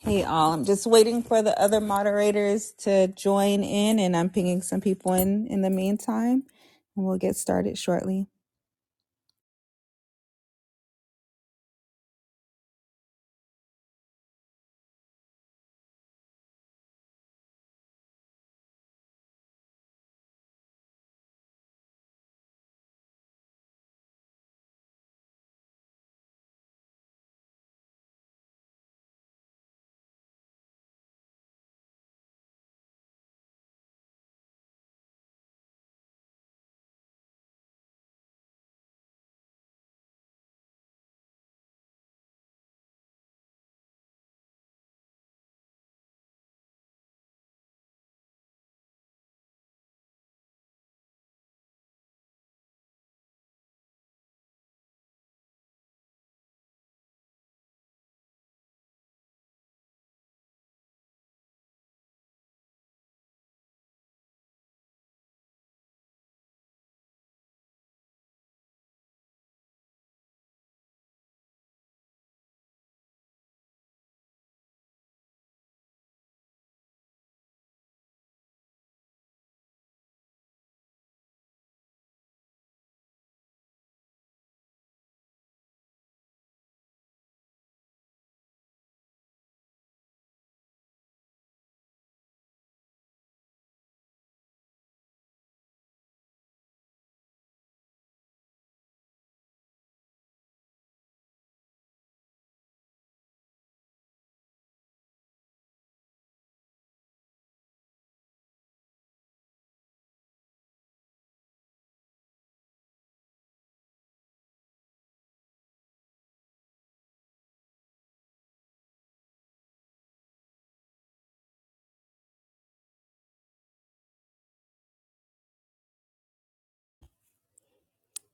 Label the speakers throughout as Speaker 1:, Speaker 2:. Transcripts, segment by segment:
Speaker 1: Hey, all. I'm just waiting for the other moderators to join in, and I'm pinging some people in in the meantime, and we'll get started shortly.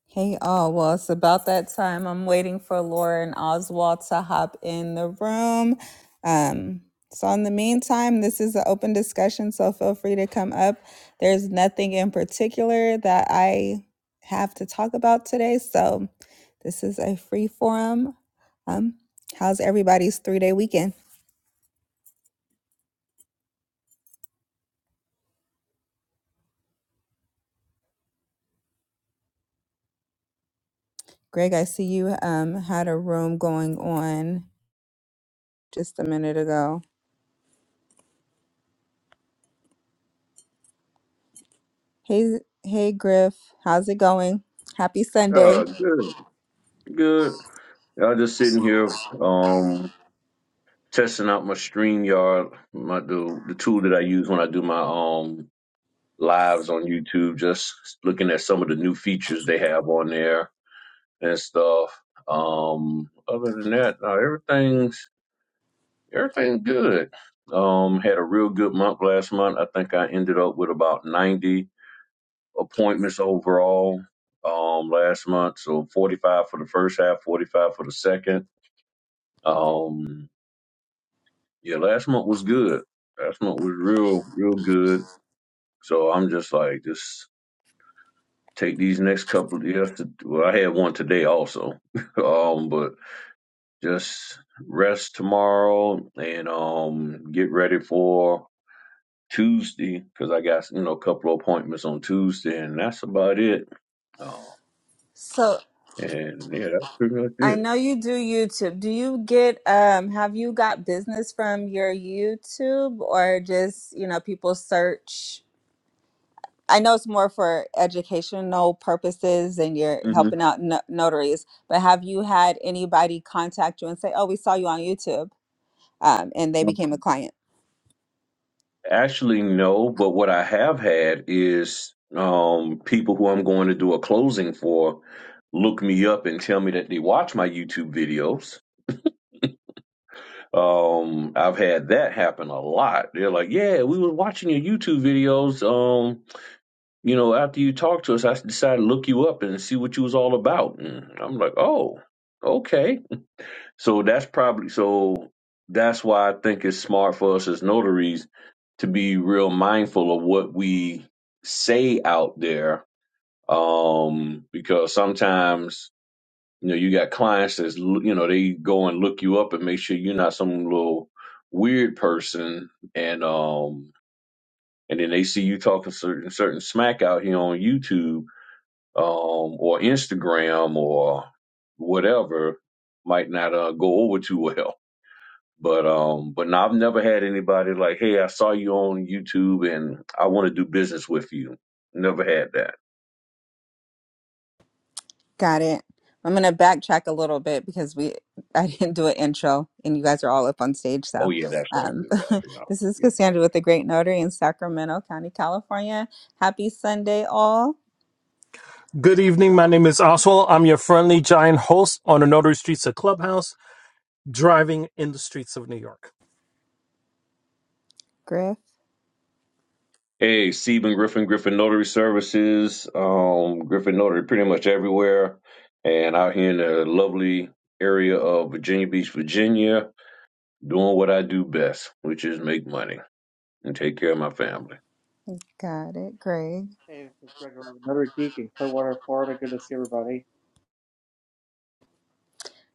Speaker 1: Hey, all. Well, it's about that time. I'm waiting for Laura and Oswald to hop in the room. Um, so, in the meantime, this is an open discussion, so feel free to come up. There's nothing in particular that I have to talk about today, so this is a free forum. Um, how's everybody's three day weekend? Greg, I see you um had a room going on just a minute ago. Hey, hey, Griff, how's it going? Happy Sunday.
Speaker 2: Oh, good, good. Yeah, I'm just sitting here, um, testing out my StreamYard, my the the tool that I use when I do my um lives on YouTube. Just looking at some of the new features they have on there and stuff. Um, other than that, no, everything's everything's good. Um, had a real good month last month. I think I ended up with about 90 appointments overall. Um, last month, so 45 for the first half, 45 for the second. Um, yeah, last month was good. Last month was real, real good. So I'm just like, just take these next couple of yes. Well, I had one today also. um, but just rest tomorrow and um get ready for Tuesday because I got you know a couple of appointments on Tuesday and that's about it. Uh,
Speaker 1: So
Speaker 2: and yeah, that's pretty much
Speaker 1: I
Speaker 2: it.
Speaker 1: know you do YouTube. Do you get um have you got business from your YouTube or just, you know, people search? I know it's more for educational purposes and you're helping
Speaker 2: hmm
Speaker 1: out no- notaries, but have you had anybody contact you and say, "Oh, we saw you on YouTube," um, and they became a client?
Speaker 2: Actually, no, but what I have had is um, people who I'm going to do a closing for look me up and tell me that they watch my YouTube videos. Um, I've had that happen a lot. They're like, "Yeah, we were watching your YouTube videos. Um, you know, after you talked to us, I decided to look you up and see what you was all about." And I'm like, "Oh, okay." So that's probably so that's why I think it's smart for us as notaries to be real mindful of what we say out there. Um, because sometimes, you know, you got clients that's, l- you know, they go and look you up and make sure you're not some little weird person. And, um, and then they see you talking certain, certain smack out here on YouTube, um, or Instagram or whatever might not, uh, go over too well but um, but no, I've never had anybody like, hey, I saw you on YouTube and I want to do business with you. Never had that.
Speaker 1: Got it. I'm going to backtrack a little bit because we I didn't do an intro and you guys are all up on stage. So,
Speaker 2: Oh yeah, that's right.
Speaker 1: um,
Speaker 2: We got you know.
Speaker 1: this is
Speaker 2: yeah.
Speaker 1: Cassandra with the Great Notary in Sacramento County, California. Happy Sunday, all.
Speaker 3: Good evening. My name is Oswald. I'm your friendly giant host on the Notary Streets of Clubhouse, driving in the streets of New York.
Speaker 1: Griff,
Speaker 2: Hey, Stephen Griffin, Griffin Notary Services, um, Griffin Notary, pretty much everywhere, and out here in the lovely area of Virginia Beach, Virginia, doing what I do best, which is make money and take care of my family.
Speaker 1: got it. Greg,
Speaker 4: Hey, this is Greg, Around another geek in Clearwater, Florida. Good to see everybody.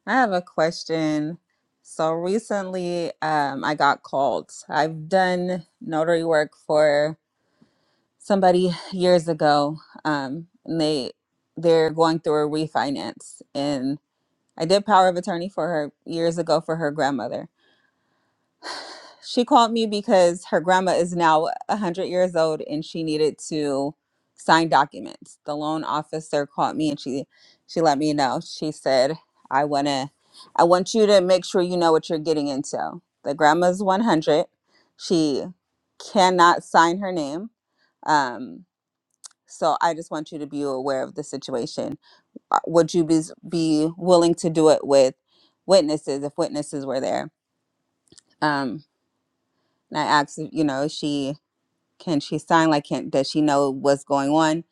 Speaker 1: I have a question. So recently, um, I got called. I've done notary work for somebody years ago, um, and they they're going through a refinance I did power of attorney for her years ago for her grandmother. She called me because her grandma is now 100 years old and she needed to sign documents. The loan officer called me and she she let me know. She said, "I want to I want you to make sure you know what you're getting into." The grandma's 100. She cannot sign her name. Um so I just want you to be aware of the situation uh, would you be, be willing to do it with witnesses if witnesses were there um and i asked you know is she can she sign like can does she know what's going on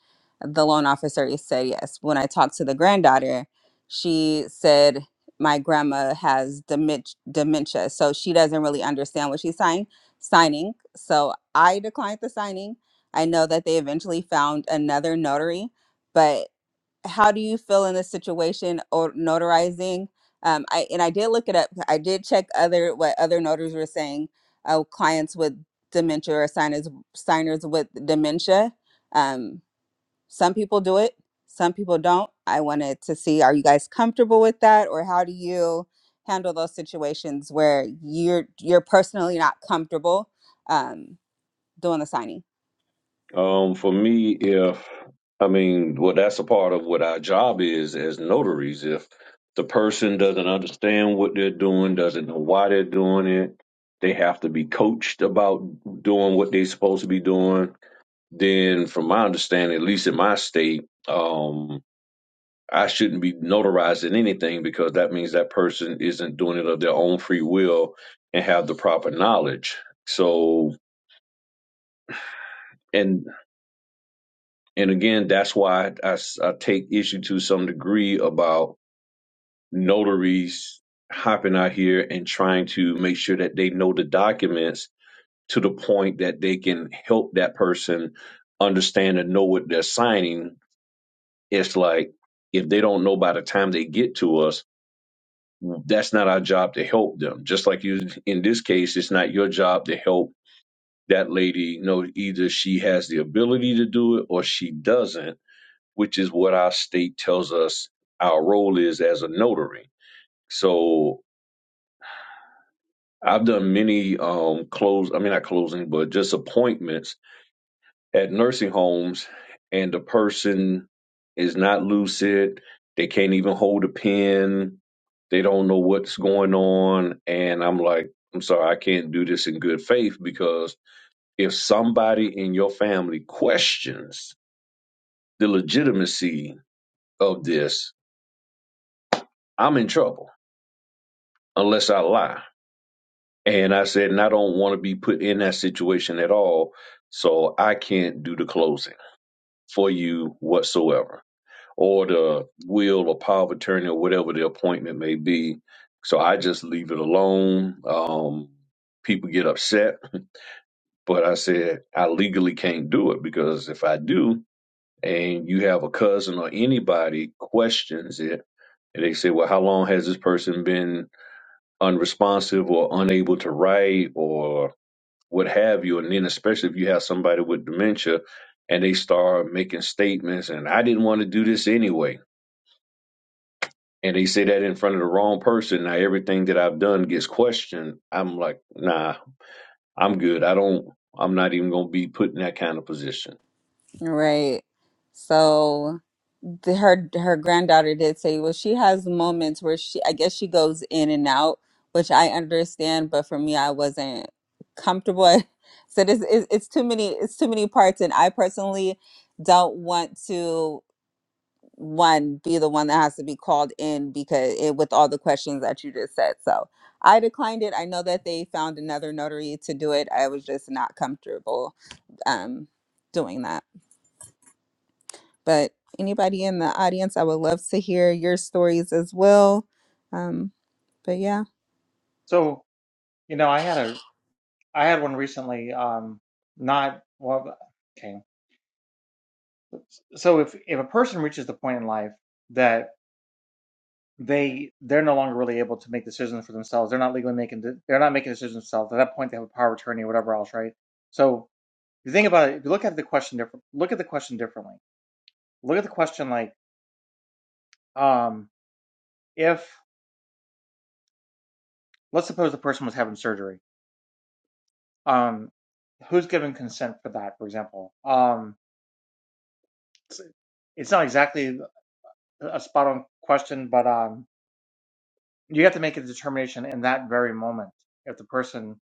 Speaker 1: the loan officer said yes when i talked to the granddaughter she said my grandma has demen- dementia so she doesn't really understand what she's sign- signing so i declined the signing i know that they eventually found another notary but how do you feel in this situation or notarizing? Um, I and I did look it up. I did check other what other notaries were saying. Uh, clients with dementia or signers signers with dementia. Um, some people do it, some people don't. I wanted to see are you guys comfortable with that, or how do you handle those situations where you're you're personally not comfortable um, doing the signing?
Speaker 2: Um, for me, if I mean, well, that's a part of what our job is as notaries. If the person doesn't understand what they're doing, doesn't know why they're doing it, they have to be coached about doing what they're supposed to be doing. Then, from my understanding, at least in my state, um, I shouldn't be notarizing anything because that means that person isn't doing it of their own free will and have the proper knowledge. So, and. And again, that's why I I take issue to some degree about notaries hopping out here and trying to make sure that they know the documents to the point that they can help that person understand and know what they're signing. It's like if they don't know by the time they get to us, that's not our job to help them. Just like you, in this case, it's not your job to help that lady No, either she has the ability to do it or she doesn't which is what our state tells us our role is as a notary. So I've done many um close I mean not closing, but just appointments at nursing homes and the person is not lucid, they can't even hold a pen, they don't know what's going on, and I'm like, I'm sorry, I can't do this in good faith because if somebody in your family questions the legitimacy of this, I'm in trouble unless I lie And I said, and I don't want to be put in that situation at all. So I can't do the closing for you whatsoever, or the will or power of attorney, or whatever the appointment may be. So I just leave it alone. Um, people get upset, but I said, I legally can't do it because if I do, and you have a cousin or anybody questions it, and they say, well, how long has this person been unresponsive or unable to write? or what have you. And then, especially if you have somebody with dementia and they start making statements, and I didn't want to do this anyway. And they say that in front of the wrong person. Now, everything that I've done gets questioned. I'm like, nah, I'm good. I don't, I'm not even going to be put in that kind of position.
Speaker 1: Right. So the, her her granddaughter did say, well, she has moments where she, I guess she goes in and out, which I understand, but for me, I wasn't comfortable. I said it's, it's it's too many it's too many parts, and I personally don't want to one be the one that has to be called in because it with all the questions that you just said. So I declined it. I know that they found another notary to do it. I was just not comfortable um doing that. But anybody in the audience, I would love to hear your stories as well. Um, but yeah.
Speaker 4: So, you know, I had a I had one recently. Um, not well. Okay. So if if a person reaches the point in life that they they're no longer really able to make decisions for themselves, they're not legally making de- they're not making decisions themselves. At that point, they have a power of attorney or whatever else, right? So if you think about it, if you look at the question different, look at the question differently. Look at the question like, um, if let's suppose the person was having surgery Um, who's given consent for that, for example? Um, it's, it's not exactly a spot on question, but um, you have to make a determination in that very moment if the person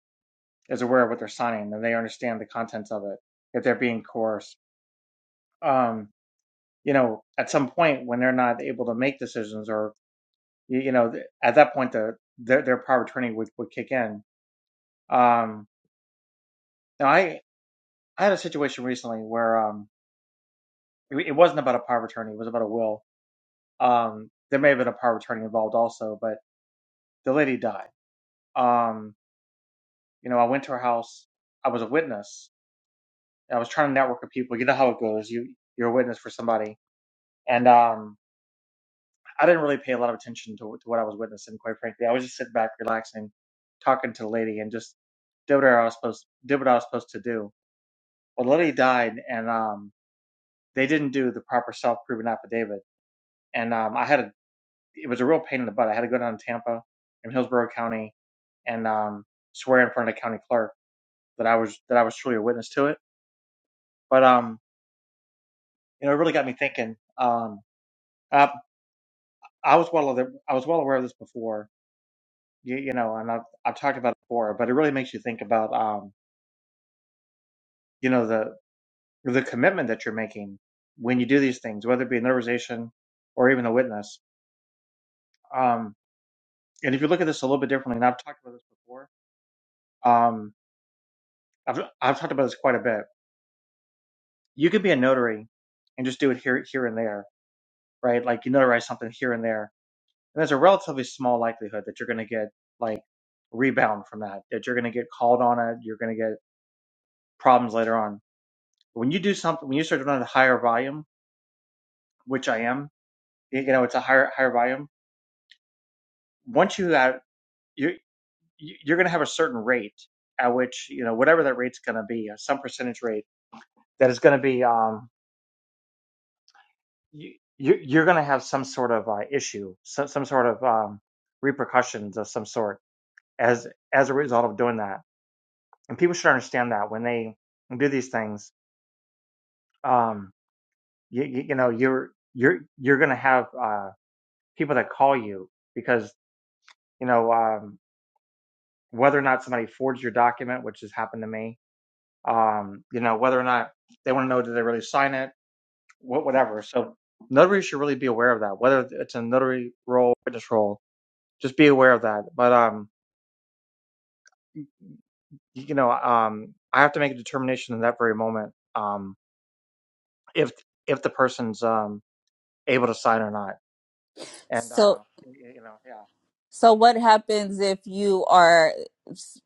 Speaker 4: is aware of what they're signing and they understand the contents of it, if they're being coerced. Um, you know, at some point when they're not able to make decisions, or you, you know, at that point the their, their power of attorney would, would kick in. Um, now I I had a situation recently where um, it, it wasn't about a power of attorney, it was about a will Um, there may have been a power of attorney involved also, but the lady died. Um, you know, I went to her house. I was a witness. I was trying to network with people. You know how it goes. You you're a witness for somebody, and um, I didn't really pay a lot of attention to to what I was witnessing. Quite frankly, I was just sitting back, relaxing, talking to the lady, and just did what I was supposed did what I was supposed to do. Well, the lady died, and um, they didn't do the proper self proven affidavit, and um, I had a it was a real pain in the butt. I had to go down to Tampa in Hillsborough County and um, swear in front of the county clerk that I was that I was truly a witness to it. But um, you know, it really got me thinking. Um, I, I was well aware, I was well aware of this before, you, you know, and I've I've talked about it before, but it really makes you think about um, you know, the the commitment that you're making when you do these things, whether it be an organization or even a witness. Um, and if you look at this a little bit differently, and I've talked about this before, um, I've I've talked about this quite a bit you could be a notary and just do it here, here and there, right? Like you notarize something here and there, and there's a relatively small likelihood that you're going to get like rebound from that, that you're going to get called on it, you're going to get problems later on. When you do something, when you start doing a higher volume, which I am, you know, it's a higher higher volume. Once you have you you- you're going to have a certain rate at which you know whatever that rate's going to be, uh, some percentage rate that is going to be um you, you- you're going to have some sort of uh, issue, some, some sort of um, repercussions of some sort as as a result of doing that. And people should understand that when they do these things, um, you, you, you know, you're you're you're going to have uh, people that call you because you know um, whether or not somebody forged your document, which has happened to me. Um, you know whether or not they want to know did they really sign it, what whatever. So notaries should really be aware of that, whether it's a notary role, witness role just be aware of that. But um, you know, um, I have to make a determination in that very moment um, if if the person's um, able to sign or not. And uh,
Speaker 1: So,
Speaker 4: you know, yeah.
Speaker 1: so what happens if you are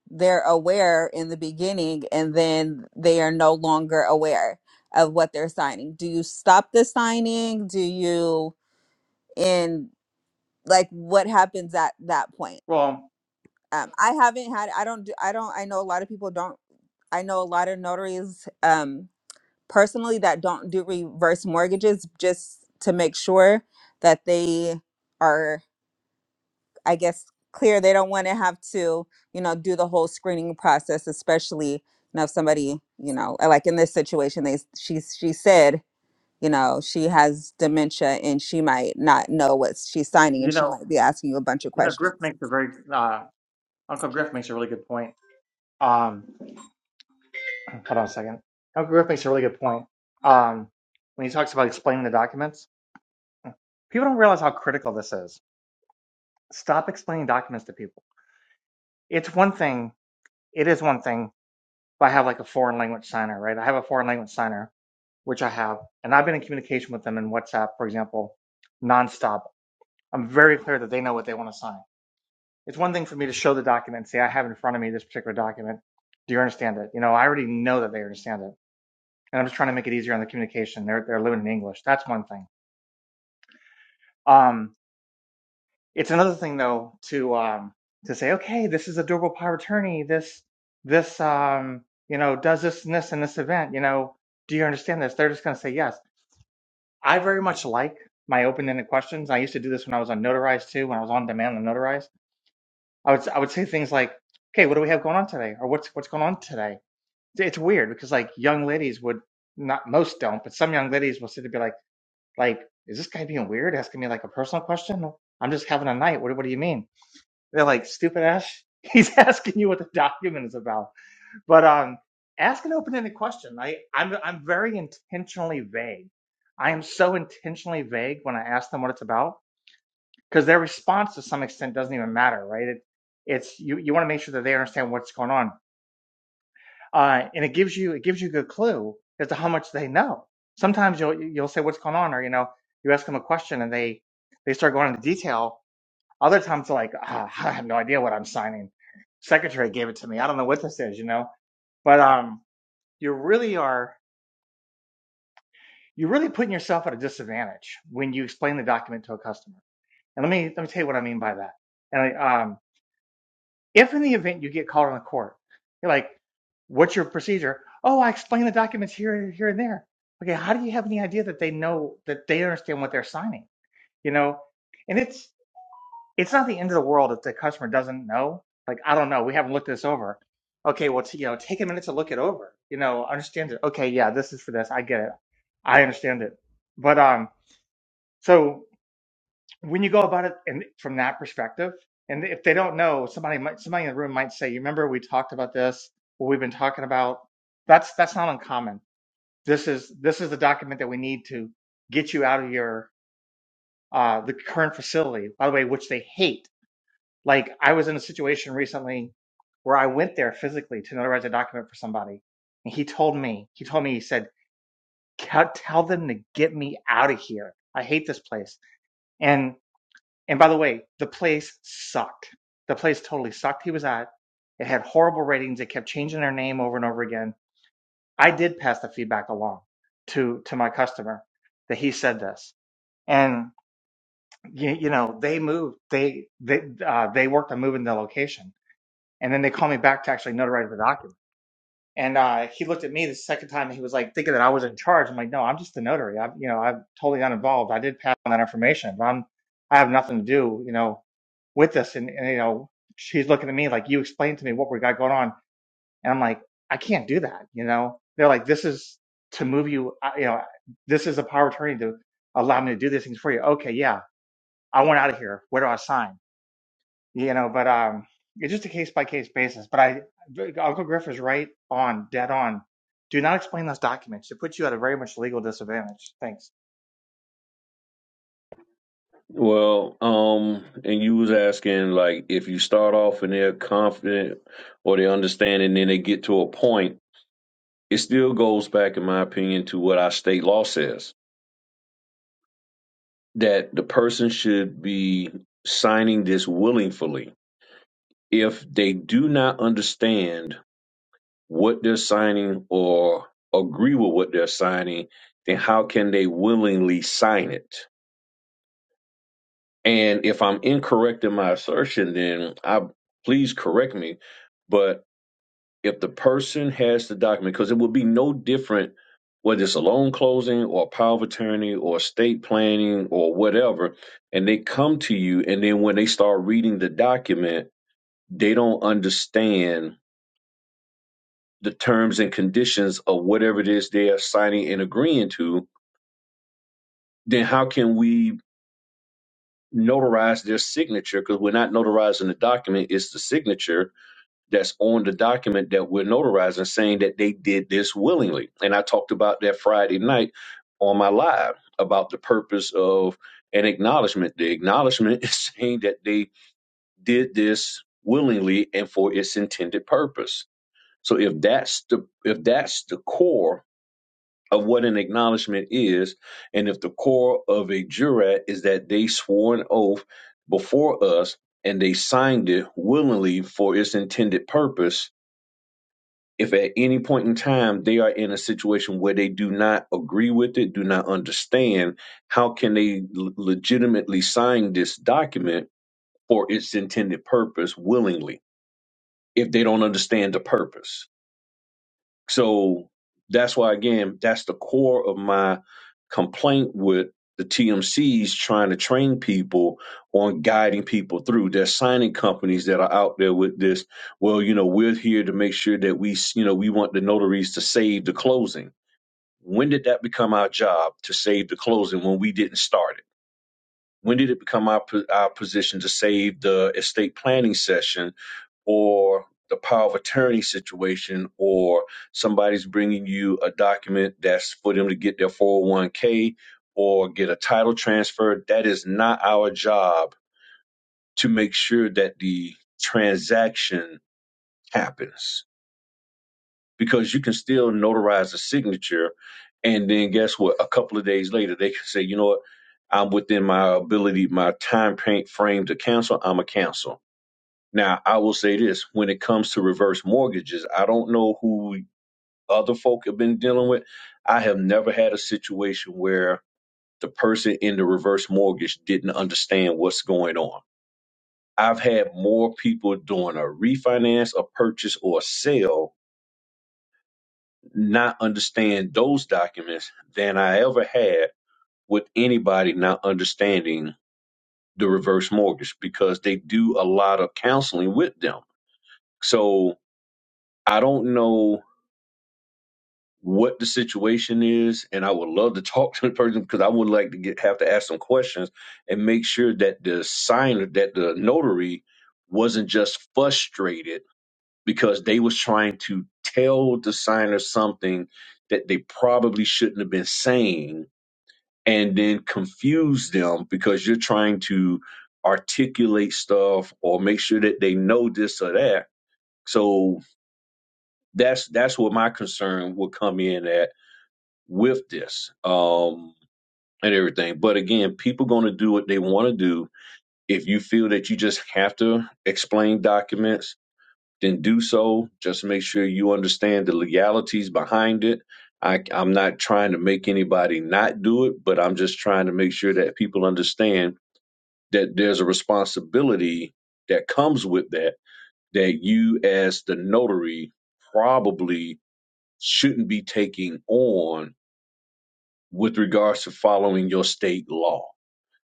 Speaker 1: they're aware in the beginning and then they are no longer aware of what they're signing? Do you stop the signing? Do you in like what happens at that point?
Speaker 4: Well,
Speaker 1: Um, I haven't had I don't do I don't I know a lot of people don't I know a lot of notaries. Um, personally that don't do reverse mortgages just to make sure that they are i guess clear they don't want to have to you know do the whole screening process especially you know if somebody you know uh, like in this situation they she she said you know she has dementia and she might not know what she's signing
Speaker 4: you
Speaker 1: and she
Speaker 4: know,
Speaker 1: might be asking you a bunch of
Speaker 4: you know, Griff
Speaker 1: questions
Speaker 4: makes a very uh, Uncle Griff makes a really good point. Um, hold on a second. Uncle Griff makes a really good point um, when he talks about explaining the documents. People don't realize how critical this is. Stop explaining documents to people. It's one thing. It is one thing if I have like a foreign language signer, right? I have a foreign language signer, which I have, and I've been in communication with them in WhatsApp, for example, nonstop. I'm very clear that they know what they want to sign. It's one thing for me to show the document and say, I have in front of me this particular document. Do you understand it? You know, I already know that they understand it. And I'm just trying to make it easier on the communication. They're, they're living in English. That's one thing. Um, it's another thing though to um to say okay this is a durable power of attorney this this um you know does this and this and this event you know do you understand this they're just going to say yes i very much like my open-ended questions i used to do this when i was on notarized too when i was on demand and notarized i would i would say things like okay what do we have going on today or what's what's going on today it's weird because like young ladies would not most don't but some young ladies will sit and be like like is this guy being weird asking me like a personal question i'm just having a night what, what do you mean they're like, stupid ass. He's asking you what the document is about. But um, ask an open-ended question. I, I'm I'm very intentionally vague. I am so intentionally vague when I ask them what it's about because their response to some extent doesn't even matter, right? It, it's you you want to make sure that they understand what's going on, uh, and it gives you it gives you a good clue as to how much they know. Sometimes you'll you'll say what's going on, or you know you ask them a question and they they start going into detail other times, like ah, I have no idea what I'm signing. Secretary gave it to me. I don't know what this is, you know. But um, you really are you're really putting yourself at a disadvantage when you explain the document to a customer. And let me let me tell you what I mean by that. And like, um, if in the event you get called on the court, you're like, what's your procedure? Oh, I explain the documents here, here, and there. Okay, how do you have any idea that they know that they understand what they're signing? You know, and it's it's not the end of the world if the customer doesn't know. Like, I don't know, we haven't looked this over. Okay, well, t- you know, take a minute to look it over. You know, understand it. Okay, yeah, this is for this. I get it. I understand it. But um, so when you go about it and from that perspective, and if they don't know, somebody might somebody in the room might say, "You remember we talked about this? What we've been talking about?" That's that's not uncommon. This is this is the document that we need to get you out of your uh, the current facility. By the way, which they hate Like I was in a situation recently where I went there physically to notarize a document for somebody, and he told me, he told me, he said, "Tell them to get me out of here. I hate this place." And and by the way, the place sucked. The place totally sucked. He was at. It had horrible ratings. It kept changing their name over and over again. I did pass the feedback along to to my customer that he said this, and you, you know they moved. They they uh, they worked on moving the location And then they called me back to actually notarize the document. And uh, he looked at me the second time. and He was like thinking that I was in charge. I'm like, no, I'm just the notary. I'm, you know, I'm totally uninvolved. I did pass on that information, but I'm, I have nothing to do, you know, with this. And, and you know, she's looking at me like, you explain to me what we got going on. And I'm like, I can't do that. You know, they're like, this is to move you. uh, You know, this is a power of attorney to allow me to do these things for you. Okay, yeah, I want out of here. Where do I sign? you know, but um, it's just a case by case basis. But I, Uncle Griff is right on, dead on. Do not explain those documents. It puts you at a very much legal disadvantage. Thanks.
Speaker 2: Well, um, and you was asking like if you start off and they're confident or they understand and then they get to a point, it still goes back, in my opinion, to what our state law says that the person should be signing this willingly. If they do not understand what they're signing or agree with what they're signing, then how can they willingly sign it? And if I'm incorrect in my assertion, then I please correct me. But if the person has the document, because it would be no different whether it's a loan closing or a power of attorney or estate planning or whatever, and they come to you, and then when they start reading the document, they don't understand the terms and conditions of whatever it is they are signing and agreeing to, then how can we notarize their signature? Because we're not notarizing the document, it's the signature that's on the document that we're notarizing saying that they did this willingly. And I talked about that Friday night on my live about the purpose of an acknowledgement. The acknowledgement is saying that they did this willingly and for its intended purpose. So if that's the if that's the core of what an acknowledgement is, and if the core of a jurat is that they swore an oath before us and they signed it willingly for its intended purpose, if at any point in time they are in a situation where they do not agree with it, do not understand, how can they l- legitimately sign this document for its intended purpose willingly if they don't understand the purpose? So that's why, again, that's the core of my complaint with the TMCs trying to train people on guiding people through. There's signing companies that are out there with this. Well, you know, we're here to make sure that we, you know, we want the notaries to save the closing. When did that become our job to save the closing when we didn't start it? When did it become our, our position to save the estate planning session or the power of attorney situation or somebody's bringing you a document that's for them to get their 401k or get a title transfer that is not our job to make sure that the transaction happens because you can still notarize a signature and then guess what a couple of days later they can say you know what i'm within my ability my time frame to cancel i'm a cancel now, I will say this when it comes to reverse mortgages, I don't know who other folk have been dealing with. I have never had a situation where the person in the reverse mortgage didn't understand what's going on. I've had more people doing a refinance, a purchase, or a sale not understand those documents than I ever had with anybody not understanding the reverse mortgage because they do a lot of counseling with them. So I don't know what the situation is, and I would love to talk to the person because I would like to get have to ask some questions and make sure that the signer, that the notary, wasn't just frustrated because they was trying to tell the signer something that they probably shouldn't have been saying, and then confuse them because you're trying to articulate stuff or make sure that they know this or that. So that's that's where my concern will come in at with this um, and everything. But again, people going to do what they want to do. If you feel that you just have to explain documents, then do so. Just make sure you understand the legalities behind it. I, I'm not trying to make anybody not do it, but I'm just trying to make sure that people understand that there's a responsibility that comes with that, that you as the notary probably shouldn't be taking on with regards to following your state law.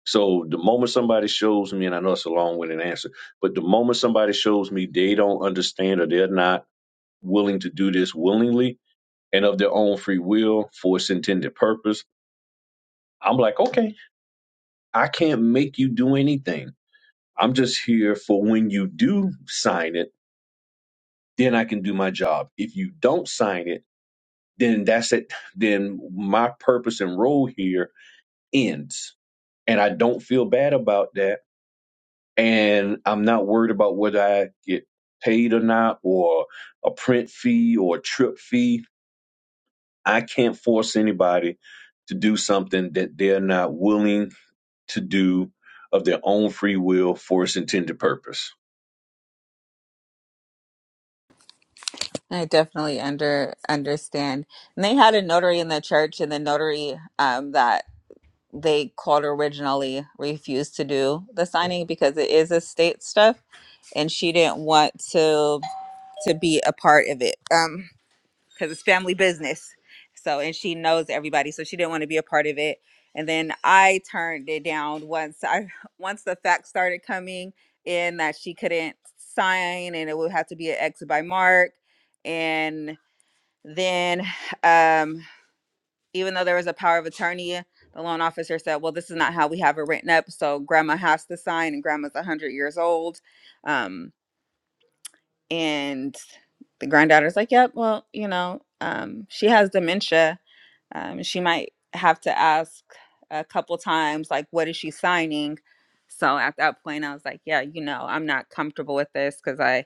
Speaker 2: So the moment somebody shows me, and I know it's a long-winded answer, but the moment somebody shows me they don't understand or they're not willing to do this willingly and of their own free will for its intended purpose, I'm like, okay, I can't make you do anything. I'm just here for when you do sign it, then I can do my job. If you don't sign it, then that's it. Then my purpose and role here ends. And I don't feel bad about that and I'm not worried about whether I get paid or not, or a print fee or a trip fee. I can't force anybody to do something that they're not willing to do of their own free will for its intended purpose.
Speaker 1: i definitely under understand and they had a notary in the church and the notary um that they called originally refused to do the signing because it is estate stuff and she didn't want to to be a part of it um because it's family business so and she knows everybody so she didn't want to be a part of it and then i turned it down once i once the facts started coming in that she couldn't sign and it would have to be an exit by mark and then um even though there was a power of attorney, the loan officer said, Well, this is not how we have it written up. So grandma has to sign, and grandma's 100 years old. Um, and the granddaughter's like, Yep, well, you know, um, she has dementia. Um, she might have to ask a couple times, like, What is she signing? So at that point, I was like, Yeah, you know, I'm not comfortable with this because I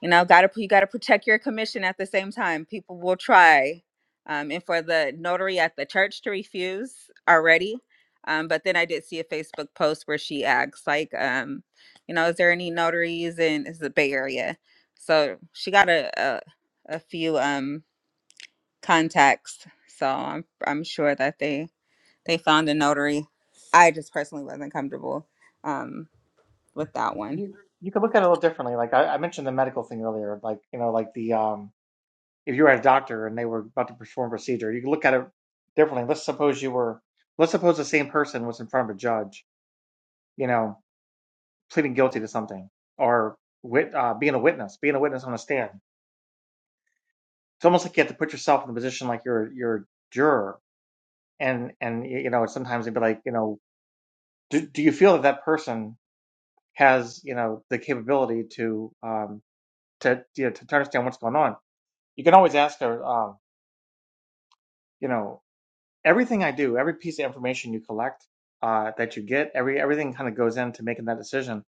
Speaker 1: you know got to you got to protect your commission at the same time people will try um, and for the notary at the church to refuse already um, but then i did see a facebook post where she asks like um, you know is there any notaries in is the bay area so she got a, a, a few um, contacts so I'm, I'm sure that they they found a notary i just personally wasn't comfortable um, with that one
Speaker 4: You you could look at it a little differently. Like I, I mentioned the medical thing earlier. Like you know, like the um, if you were a doctor and they were about to perform a procedure, you could look at it differently. Let's suppose you were. Let's suppose the same person was in front of a judge. You know, pleading guilty to something or wit, uh, being a witness, being a witness on a stand. It's almost like you have to put yourself in the position like you're you're a juror and and you know sometimes it'd be like you know do, do you feel that that person has you know the capability to um to you know, to, to understand what's going on you can always ask her um you know everything i do every piece of information you collect uh that you get every everything kind of goes into making that decision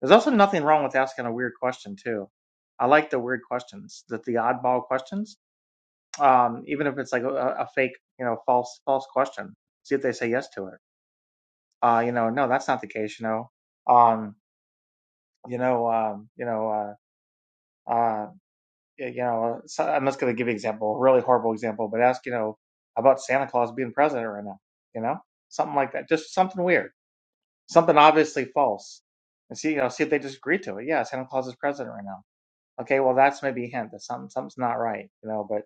Speaker 4: there's also nothing wrong with asking a weird question too i like the weird questions the, the oddball questions um even if it's like a, a fake you know false false question see if they say yes to it uh, you know, no, that's not the case, you know. Um, you know, um, you know, uh, uh, you know, so I'm just going to give you an example, a really horrible example, but ask, you know, about Santa Claus being president right now, you know, something like that, just something weird, something obviously false, and see, you know, see if they just agree to it. Yeah, Santa Claus is president right now. Okay, well, that's maybe a hint that something something's not right, you know, but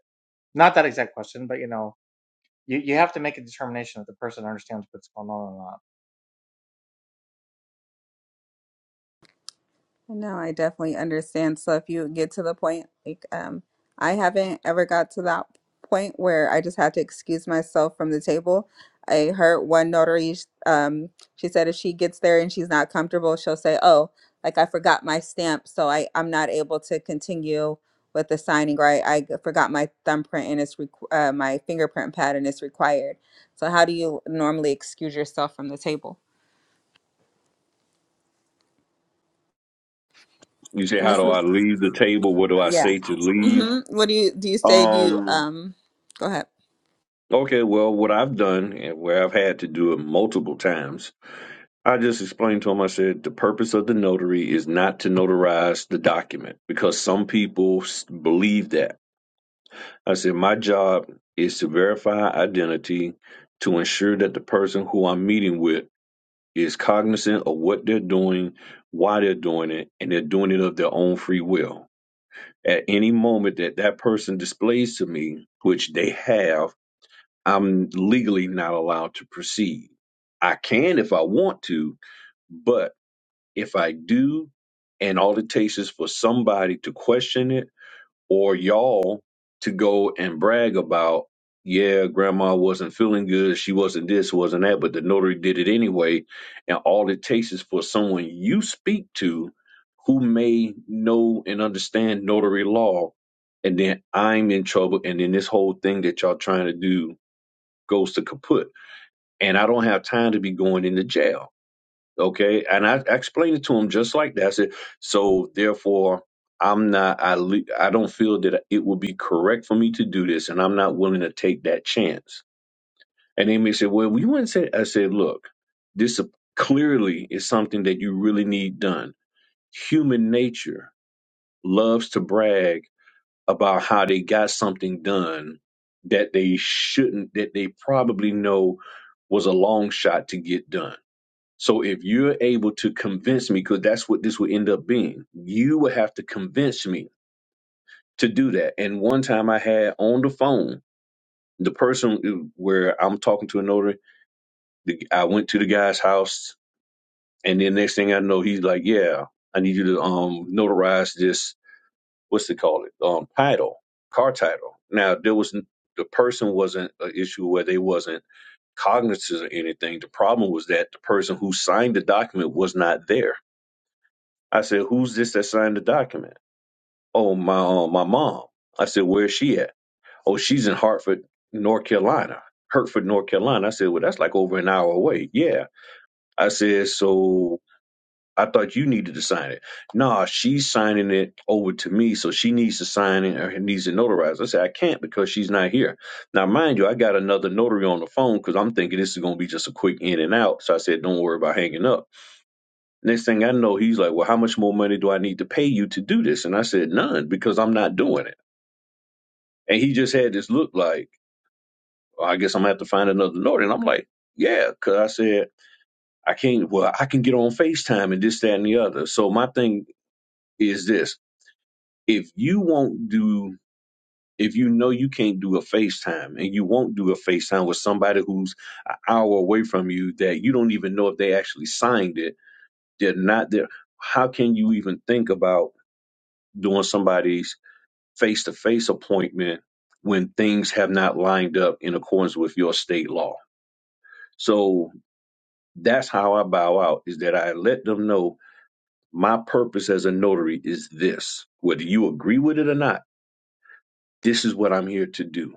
Speaker 4: not that exact question, but you know, you you have to make a determination that the person understands what's going on or not.
Speaker 1: No, I definitely understand. So if you get to the point, like, um, I haven't ever got to that point where I just had to excuse myself from the table. I heard one notary, sh- um, she said if she gets there and she's not comfortable, she'll say, "Oh, like I forgot my stamp, so I I'm not able to continue with the signing, or I, I g- forgot my thumbprint and it's requ- uh, my fingerprint pattern is required." So how do you normally excuse yourself from the table?
Speaker 2: You say,
Speaker 1: And
Speaker 2: How
Speaker 1: This
Speaker 2: do
Speaker 1: is.
Speaker 2: I leave the table? What do I
Speaker 1: Yeah.
Speaker 2: say to leave?
Speaker 1: hmm What do you do? You say do you
Speaker 2: Um,
Speaker 1: um? Go ahead.
Speaker 2: okay, well, what I've done and where I've had to do it multiple times I just explained to him, I said, the purpose of the notary is not to notarize the document because some people s- believe that. I said, my job is to verify identity to ensure that the person who I'm meeting with is cognizant of what they're doing, why they're doing it, and they're doing it of their own free will. At any moment that that person displays to me, which they have, I'm legally not allowed to proceed. I can if I want to, but if I do, and all it takes is for somebody to question it or y'all to go and brag about, yeah, grandma wasn't feeling good, she wasn't this, wasn't that, but the notary did it anyway. And all it takes is for someone you speak to who may know and understand notary law, and then I'm in trouble, and then this whole thing that y'all trying to do goes to kaput. And I don't have time to be going into jail Okay. And I, I explained it to him just like that. I said, so therefore, I'm not, I, le- I don't feel that it would be correct for me to do this, and I'm not willing to take that chance. And they may say, well, you wouldn't say, I said, look, this clearly is something that you really need done. Human nature loves to brag about how they got something done that they shouldn't, that they probably know was a long shot to get done so if you're able to convince me, because that's what this would end up being, you would have to convince me to do that. And one time I had on the phone the person uh, where I'm talking to a notary. The, I went to the guy's house, and then next thing I know, he's like, "Yeah, I need you to um notarize this. What's it called? It um title, car title." Now there was the person wasn't an issue where they wasn't cognizant of anything. The problem was that the person who signed the document was not there I said, "Who's this that signed the document?" "Oh, my uh, my mom." I said, "Where's she at?" "Oh, she's in Hartford, North Carolina." Hertford, North Carolina. I said, "Well, that's like over an hour away." Yeah. I said, "So I thought you needed to sign it." Nah, she's signing it over to me, so she needs to sign it or needs to notarize. I said, "I can't because she's not here." Now, mind you, I got another notary on the phone because I'm thinking this is going to be just a quick in and out. So I said, "Don't worry about hanging up." Next thing I know, he's like, Well, how much more money do I need to pay you to do this? And I said, None, because I'm not doing it. And he just had this look like, "Well, I guess I'm going to have to find another Norton. And I'm like, Yeah, because I said, I can't, well, I can get on FaceTime and this, that, and the other. So my thing is this if you won't do, if you know you can't do a FaceTime and you won't do a FaceTime with somebody who's an hour away from you that you don't even know if they actually signed it, they're not there. How can you even think about doing somebody's face to face appointment when things have not lined up in accordance with your state law. So that's how I bow out is that I let them know my purpose as a notary is this. Whether you agree with it or not, this is what I'm here to do.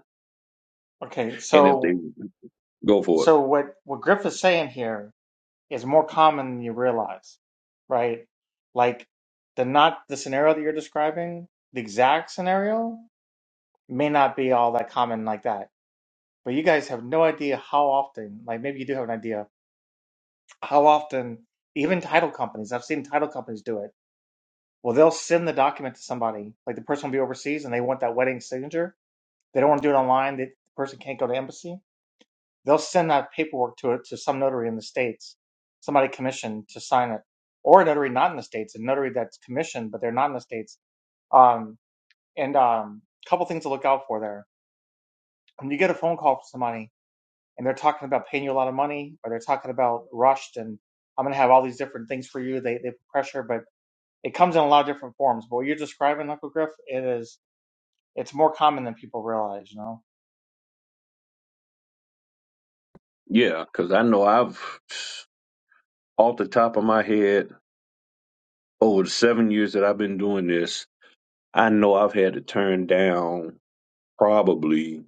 Speaker 4: Okay,
Speaker 2: And if they
Speaker 4: so
Speaker 2: go for it,
Speaker 4: so what what Griff is saying here is more common than you realize, right? Like the not the scenario that you're describing, the exact scenario may not be all that common like that. But you guys have no idea how often, like maybe you do have an idea, how often even title companies, I've seen title companies do it. Well, they'll send the document to somebody, like the person will be overseas and they want that wedding signature. They don't want to do it online. The person can't go to embassy they'll send that paperwork to it to some notary in the states, somebody commissioned to sign it, or a notary not in the states, a notary that's commissioned but they're not in the states. Um, and um, a couple things to look out for there. When you get a phone call from somebody and they're talking about paying you a lot of money, or they're talking about rushed and I'm going to have all these different things for you, they they put pressure, but it comes in a lot of different forms. But what you're describing, Uncle Griff, it is it's more common than people realize, you know.
Speaker 2: yeah, because I know I've, off the top of my head, over the seven years that I've been doing this, I know I've had to turn down probably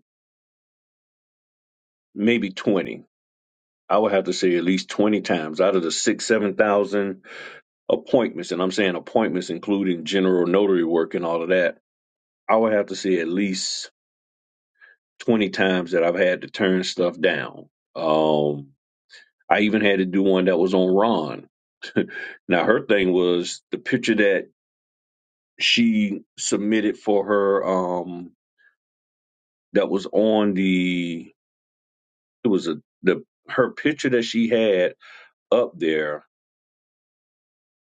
Speaker 2: maybe 20 I would have to say at least 20 times out of the six, 7,000 appointments, and I'm saying appointments including general notary work and all of that, I would have to say at least 20 times that I've had to turn stuff down. Um, I even had to do one that was on Ron. now, her thing was the picture that she submitted for her um, that was on the, it was a, the, her picture that she had up there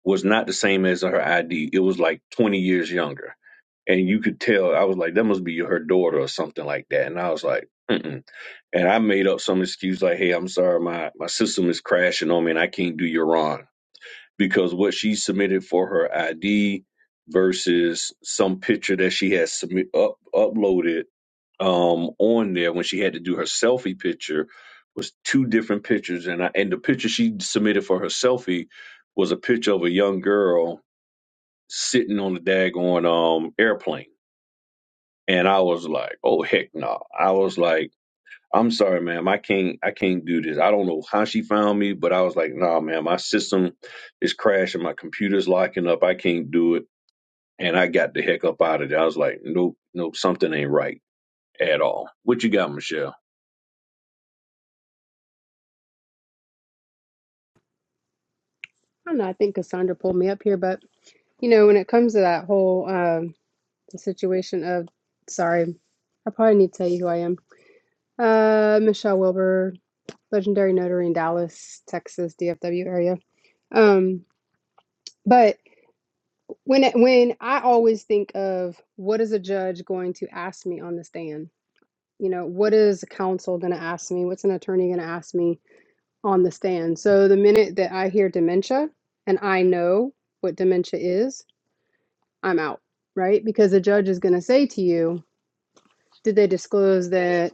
Speaker 2: was not the same as her ID. It was like 20 years younger. And you could tell, I was like, that must be her daughter or something like that. And I was like, Mm-mm. and I made up some excuse like, hey, I'm sorry, my, my system is crashing on me and I can't do your run. Because what she submitted for her ID versus some picture that she had submit, up, uploaded um, on there when she had to do her selfie picture was two different pictures. And, I, and the picture she submitted for her selfie was a picture of a young girl sitting on the daggone um airplane. And I was like, oh heck no. I was like, I'm sorry, ma'am, I can't I can't do this. I don't know how she found me, but I was like, nah, man, my system is crashing, my computer's locking up, I can't do it. And I got the heck up out of there. I was like, Nope, nope, something ain't right at all. What you got, Michelle?
Speaker 5: I don't know. I think Cassandra pulled me up here, but you know, when it comes to that whole um, the situation of, sorry, I probably need to tell you who I am. Uh, Michelle Wilbur, legendary notary in Dallas, Texas, DFW area. Um, but when it, when I always think of what is a judge going to ask me on the stand? You know, what is a counsel going to ask me? What's an attorney going to ask me on the stand? So the minute that I hear dementia, and I know what dementia is I'm out, right? Because the judge is going to say to you, Did they disclose that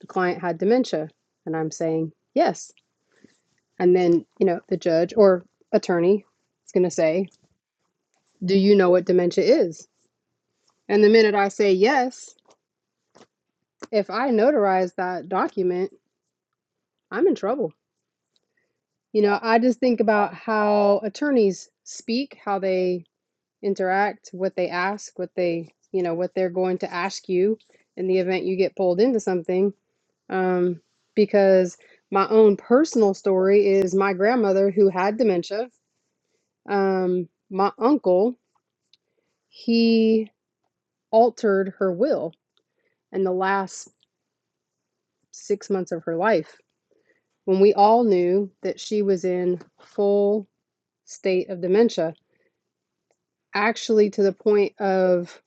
Speaker 5: the client had dementia? And I'm saying, Yes. And then, you know, the judge or attorney is going to say, Do you know what dementia is? And the minute I say yes, if I notarize that document, I'm in trouble. You know, I just think about how attorneys speak, how they interact, what they ask, what they, you know, what they're going to ask you in the event you get pulled into something um, because my own personal story is my grandmother who had dementia. Um, my uncle, he altered her will in the last six months of her life when we all knew that she was in full state of dementia, actually to the point of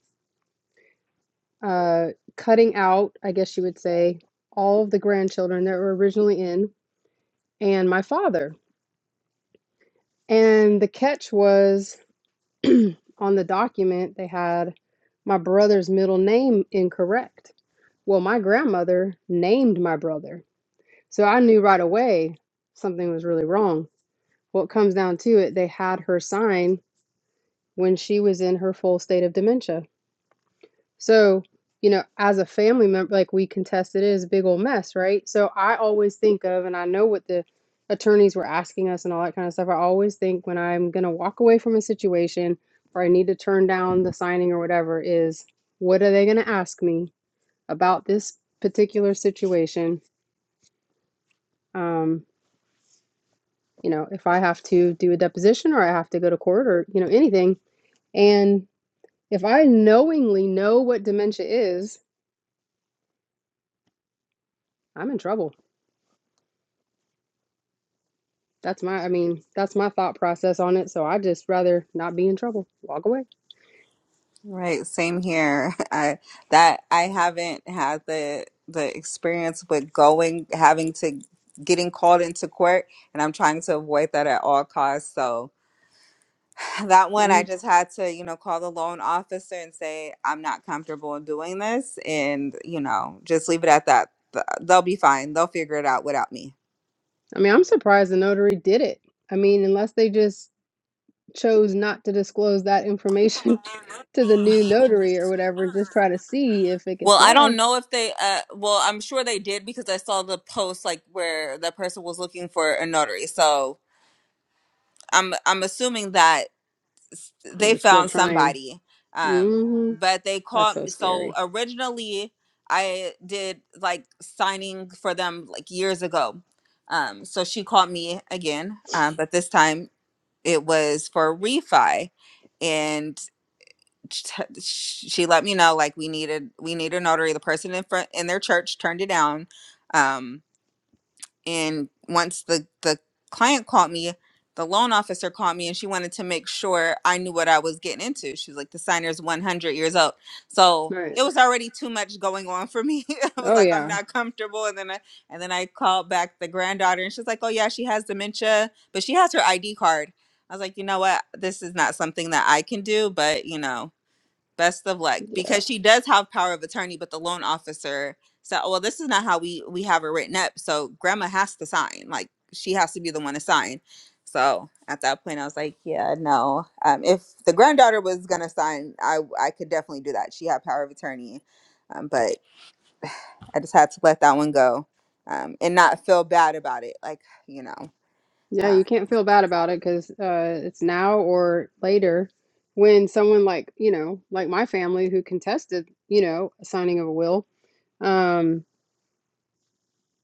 Speaker 5: uh, cutting out, I guess you would say, all of the grandchildren that were originally in and my father. And the catch was on the document, they had my brother's middle name incorrect. Well, my grandmother named my brother. So I knew right away something was really wrong. What comes down to it, they had her sign when she was in her full state of dementia. So, you know, as a family member, like we contested it is a big old mess, right? So I always think of, and I know what the attorneys were asking us and all that kind of stuff. I always think when I'm going to walk away from a situation or I need to turn down the signing or whatever is what are they going to ask me about this particular situation? Um, you know, if I have to do a deposition or I have to go to court or, you know, anything. And if I knowingly know what dementia is, I'm in trouble That's my, I mean, that's my thought process on it. So I just rather not be in trouble, walk away.
Speaker 1: Right, same here. I that I haven't had the the experience with going having to getting called into court and I'm trying to avoid that at all costs. So that one
Speaker 5: Yeah.
Speaker 1: I just had to, you know, call the loan officer and say I'm not comfortable doing this and, you know, just leave it at that. Th- They'll be fine. They'll figure it out without me.
Speaker 5: I mean, I'm surprised the notary did it. I mean, unless they just chose not to disclose that information to the new notary or whatever, and just try to see if it could
Speaker 1: Well, I don't
Speaker 5: fly.
Speaker 1: know if they. Uh, well, I'm sure they did because I saw the post like where that person was looking for a notary. So I'm I'm assuming that
Speaker 5: They
Speaker 1: they
Speaker 5: were still
Speaker 1: found
Speaker 5: trying.
Speaker 1: somebody. Um,
Speaker 5: hmm
Speaker 1: but they
Speaker 5: That's
Speaker 1: called.
Speaker 5: so
Speaker 1: me- So
Speaker 5: scary.
Speaker 1: originally, I did like signing for them like years ago. Um, so she called me again, um, but this time it was for refi, and t- she let me know like we needed we need a notary the person in front in their church turned it down um and once the the client called me the loan officer called me and she wanted to make sure i knew what i was getting into she was like the signer's 100 years old so
Speaker 5: Right.
Speaker 1: it was already too much going on for me i was
Speaker 5: Oh,
Speaker 1: like i'm
Speaker 5: yeah.
Speaker 1: not comfortable and then i and then i called back the granddaughter and she's like oh yeah she has dementia but she has her id card i was like you know what this is not something that i can do but you know Best of luck
Speaker 5: Yeah.
Speaker 1: because she does have power of attorney, but the loan officer said, "Oh, "Well, this is not how we we have it written up. So grandma has to sign. Like she has to be the one to sign." So at that point, I was like, "Yeah, no. Um, if the granddaughter was gonna sign, I I could definitely do that. She had power of attorney, um, but I just had to let that one go um, and not feel bad about it. Like you know."
Speaker 5: Yeah.
Speaker 1: Um,
Speaker 5: You can't feel bad about it because uh, it's now or later when someone like, you know, like my family who contested, you know, a signing of a will um,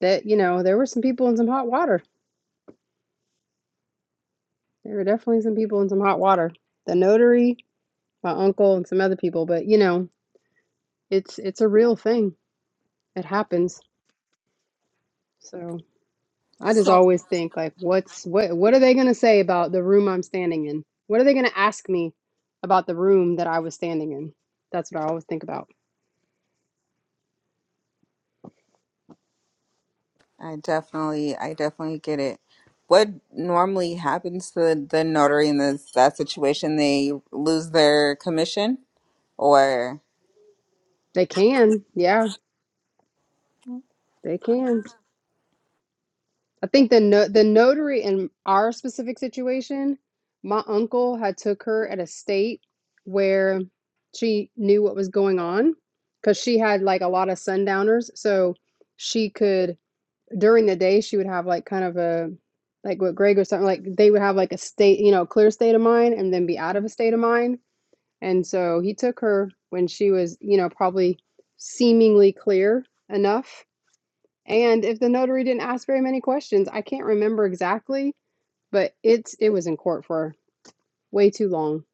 Speaker 5: that you know there were some people in some hot water. There were definitely some people in some hot water. The notary, my uncle, and some other people. But you know, it's it's a real thing. It happens. So I just
Speaker 1: So,
Speaker 5: always think like, what's what? What are they gonna say about the room I'm standing in? What are they gonna ask me about the room that I was standing in? That's what I always think about.
Speaker 1: I definitely, I definitely get it. What normally happens to the notary in this that situation? They lose their commission, or
Speaker 5: They can, yeah, they can. I think the no the notary in our specific situation, my uncle had took her at a state where she knew what was going on because she had like a lot of sundowners. So she could during the day she would have like kind of a like what Greg was talking like they would have like a state, you know, clear state of mind and then be out of a state of mind. And so he took her when she was, you know, probably seemingly clear enough and if the notary didn't ask very many questions, I can't remember exactly, but it's it was in court for way too long.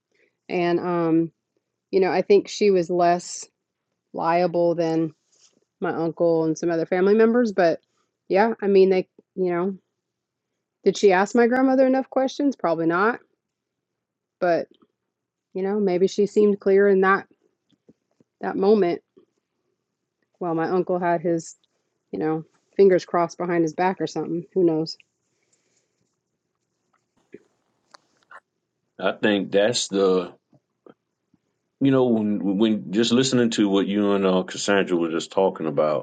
Speaker 5: And um, you know, I think she was less liable than my uncle and some other family members, but yeah, I mean they, you know, did she ask my grandmother enough questions? Probably not, but you know, maybe she seemed clear in that that moment while my uncle had his, you know, fingers crossed behind his back or something. Who knows?
Speaker 2: I think that's the you know, when, when just listening to what you and uh, Cassandra were just talking about,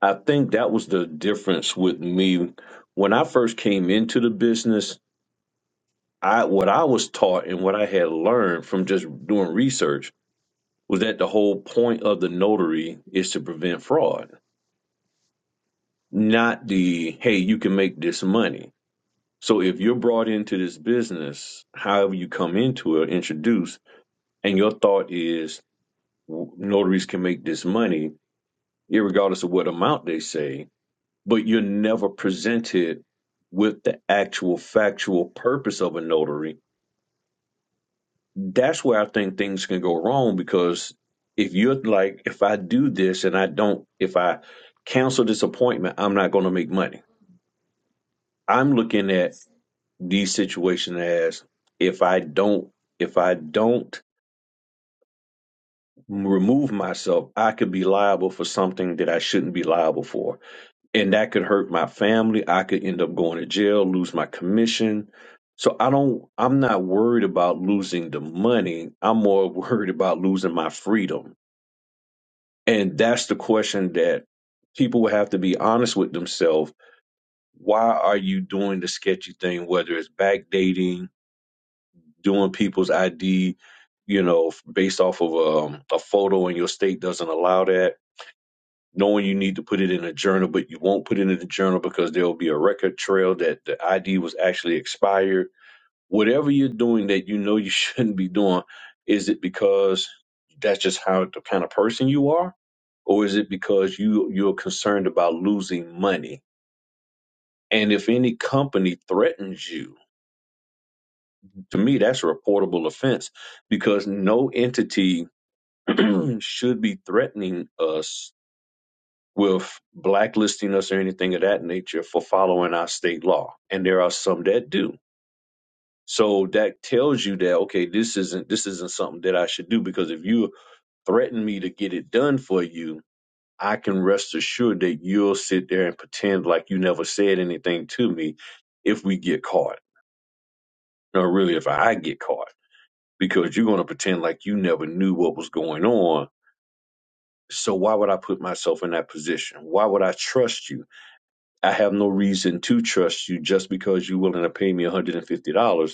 Speaker 2: I think that was the difference with me when I first came into the business. I what I was taught and what I had learned from just doing research was that the whole point of the notary is to prevent fraud, not the hey, you can make this money. So if you're brought into this business, however you come into it, introduced, and your thought is notaries can make this money, regardless of what amount they say, but you're never presented with the actual factual purpose of a notary. That's where I think things can go wrong because if you're like, if I do this and I don't, if I cancel this appointment, I'm not going to make money. I'm looking at these situations as if I don't, if I don't remove myself, I could be liable for something that I shouldn't be liable for and that could hurt my family. I could end up going to jail, lose my commission. So I don't I'm not worried about losing the money. I'm more worried about losing my freedom. And that's the question that people will have to be honest with themselves. Why are you doing the sketchy thing, whether it's backdating, doing people's ID, you know, based off of um, a photo and your state doesn't allow that? knowing you need to put it in a journal, but you won't put it in the journal because there will be a record trail that the ID was actually expired. Whatever you're doing that you know you shouldn't be doing, is it because that's just how the kind of person you are? Or is it because you you're concerned about losing money? And if any company threatens you, to me that's a reportable offense because no entity should be threatening us with blacklisting us or anything of that nature for following our state law. And there are some that do. So that tells you that okay, this isn't this isn't something that I should do because if you threaten me to get it done for you, I can rest assured that you'll sit there and pretend like you never said anything to me if we get caught. Or really if I get caught. Because you're gonna pretend like you never knew what was going on. So why would I put myself in that position? Why would I trust you? I have no reason to trust you just because you're willing to pay me $150.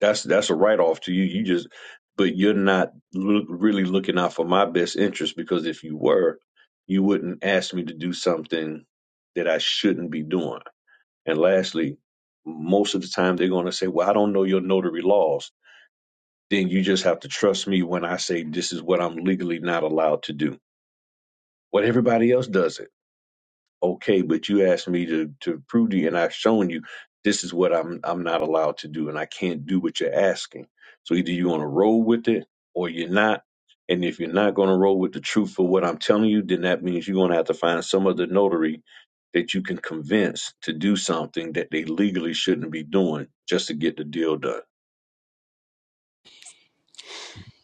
Speaker 2: That's that's a write off to you. You just, but you're not loo- really looking out for my best interest because if you were, you wouldn't ask me to do something that I shouldn't be doing. And lastly, most of the time they're going to say, "Well, I don't know your notary laws." Then you just have to trust me when I say this is what I'm legally not allowed to do. What everybody else does okay, but you asked me to to prove to you, and I've shown you this is what I'm I'm not allowed to do, and I can't do what you're asking. So either you're gonna roll with it or you're not. And if you're not gonna roll with the truth for what I'm telling you, then that means you're gonna have to find some other notary that you can convince to do something that they legally shouldn't be doing just to get the deal done.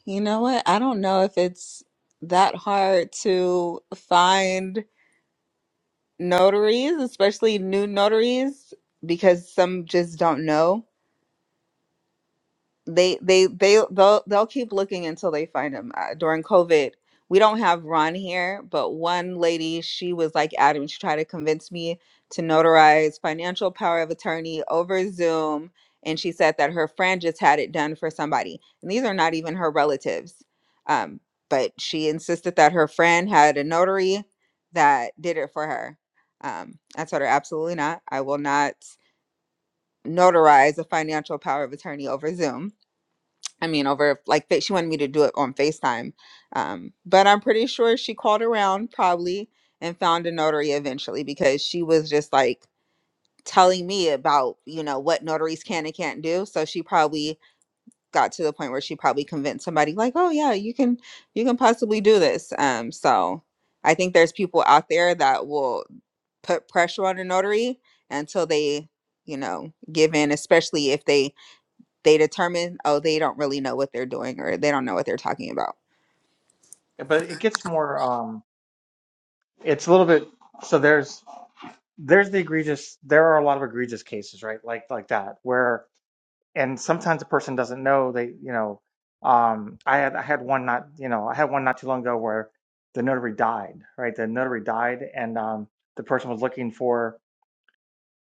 Speaker 1: you know what? I don't know if it's that hard to find notaries, especially new notaries, because some just don't know. they they they they'll they'll keep looking until they find him. Uh, during COVID, we don't have Ron here, but one lady, she was like Adam, she tried to convince me to notarize financial power of attorney over Zoom, and she said that her friend just had it done for somebody, and these are not even her relatives. Um, but she insisted that her friend had a notary that did it for her. Um, I told her absolutely not. I will not notarize a financial power of attorney over Zoom I mean, over like fa- she wanted me to do it on FaceTime. Um, but I'm pretty sure she called around probably and found a notary eventually because she was just like telling me about, you know, what notaries can and can't do. So she probably got to the point where she probably convinced somebody like, "Oh yeah, you can you can possibly do this." Um, so I think there's people out there that will put pressure on a notary until they, you know, give in, especially if they they determine, oh, they don't really know what they're doing or they don't know what they're talking about.
Speaker 4: But it gets more. Um, it's a little bit. So there's there's the egregious there are a lot of egregious cases right like like that where and sometimes a person doesn't know they you know um i had i had one not you know i had one not too long ago where the notary died right the notary died and um the person was looking for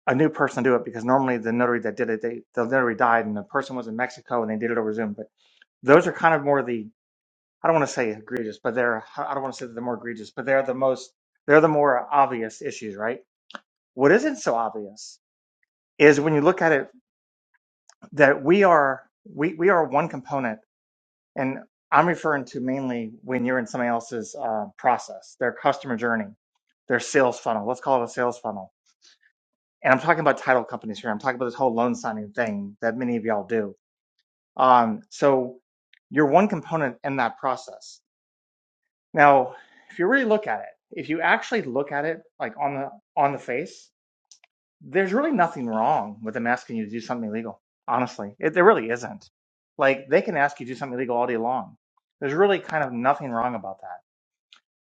Speaker 4: a new person to do it because normally the notary that did it they the notary died and the person was in mexico and they did it over zoom but those are kind of more the i don't want to say egregious but they're i don't want to say that they're more egregious but they're the most they're the more obvious issues right what isn't so obvious is when you look at it that we are we, we are one component and i'm referring to mainly when you're in somebody else's uh, process their customer journey their sales funnel let's call it a sales funnel and i'm talking about title companies here i'm talking about this whole loan signing thing that many of y'all do um, so you're one component in that process now if you really look at it if you actually look at it like on the on the face there's really nothing wrong with them asking you to do something illegal. Honestly, it, there really isn't. Like they can ask you to do something illegal all day long. There's really kind of nothing wrong about that.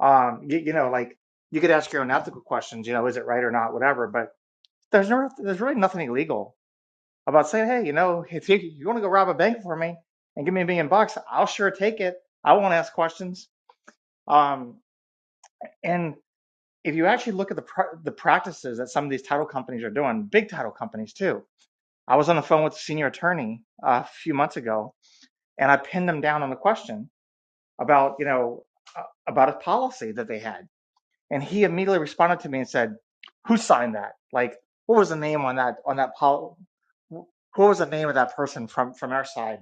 Speaker 4: Um, you, you know, like you could ask your own ethical questions. You know, is it right or not, whatever. But there's no, there's really nothing illegal about saying, hey, you know, if you, you want to go rob a bank for me and give me a million bucks, I'll sure take it. I won't ask questions. Um, and if you actually look at the pr- the practices that some of these title companies are doing, big title companies too I was on the phone with the senior attorney uh, a few months ago, and I pinned him down on a question about, you know, uh, about a policy that they had, and he immediately responded to me and said, "Who signed that? Like, what was the name on that on that policy, Who was the name of that person from from our side?"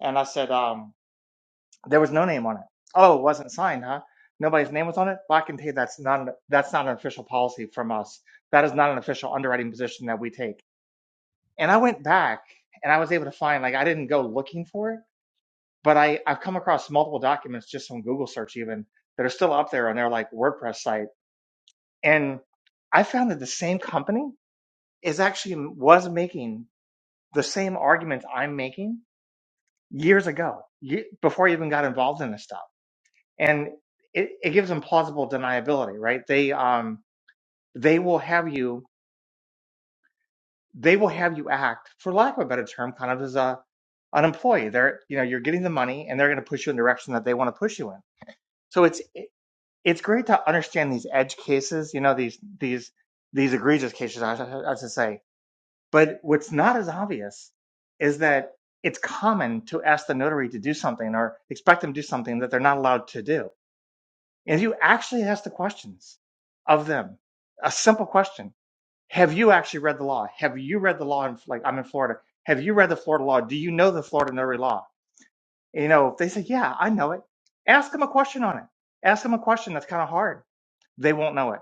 Speaker 4: And I said, um, "There was no name on it. Oh, it wasn't signed, huh? Nobody's name was on it. Well, I can tell you that's not that's not an official policy from us. That is not an official underwriting position that we take." And I went back and I was able to find, like, I didn't go looking for it, but I, I've come across multiple documents just on Google search, even that are still up there on their like WordPress site. And I found that the same company is actually was making the same arguments I'm making years ago, before I even got involved in this stuff. And it, it gives them plausible deniability, right? They, um, they will have you they will have you act, for lack of a better term, kind of as a an employee. They're you know you're getting the money, and they're going to push you in the direction that they want to push you in. So it's it's great to understand these edge cases, you know these these these egregious cases, I, I, should say. But what's not as obvious is that it's common to ask the notary to do something or expect them to do something that they're not allowed to do. And you actually ask the questions of them, a simple question have you actually read the law? Have you read the law in like I'm in Florida? Have you read the Florida law? Do you know the Florida Notary law? you know, if they say, "Yeah, I know it," ask them a question on it. Ask them a question that's kind of hard. They won't know it.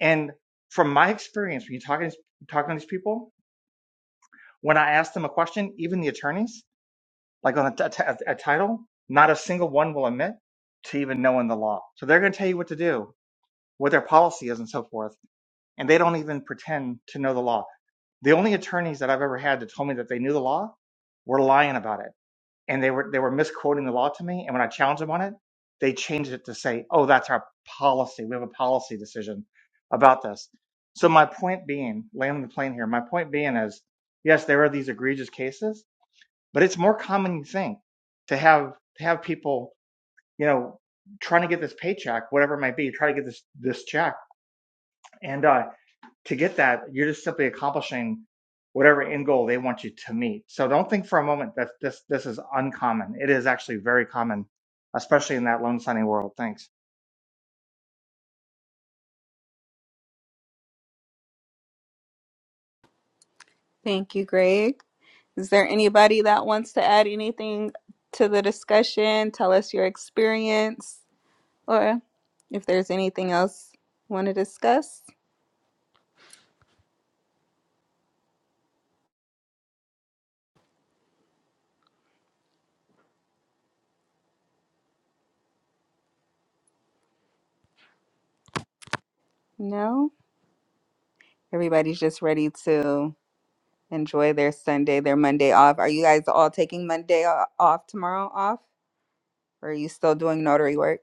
Speaker 4: And from my experience, when you're talking talking to these people, when I ask them a question, even the attorneys, like on a, t- a t- a title, not a single one will admit to even knowing the law. So they're going to tell you what to do, what their policy is, and so forth, and they don't even pretend to know the law The only attorneys that I've ever had that told me that they knew the law were lying about it, and they were they were misquoting the law to me. And when I challenged them on it, they changed it to say, "Oh, that's our policy. We have a policy decision about this." So my point being, landing the plane here. My point being is, yes, there are these egregious cases, but it's more common than you think to have to have people, you know, trying to get this paycheck, whatever it might be, try to get this this check. And uh, to get that, you're just simply accomplishing whatever end goal they want you to meet. So don't think for a moment that this this is uncommon. It is actually very common, especially in that loan signing world. Thanks.
Speaker 1: Thank you, Greg. Is there anybody that wants to add anything to the discussion? Tell us your experience or if there's anything else you want to discuss? No? Everybody's just ready to enjoy their Sunday, their Monday off. Are you guys all taking Monday o- off tomorrow off? Or are you still doing notary work?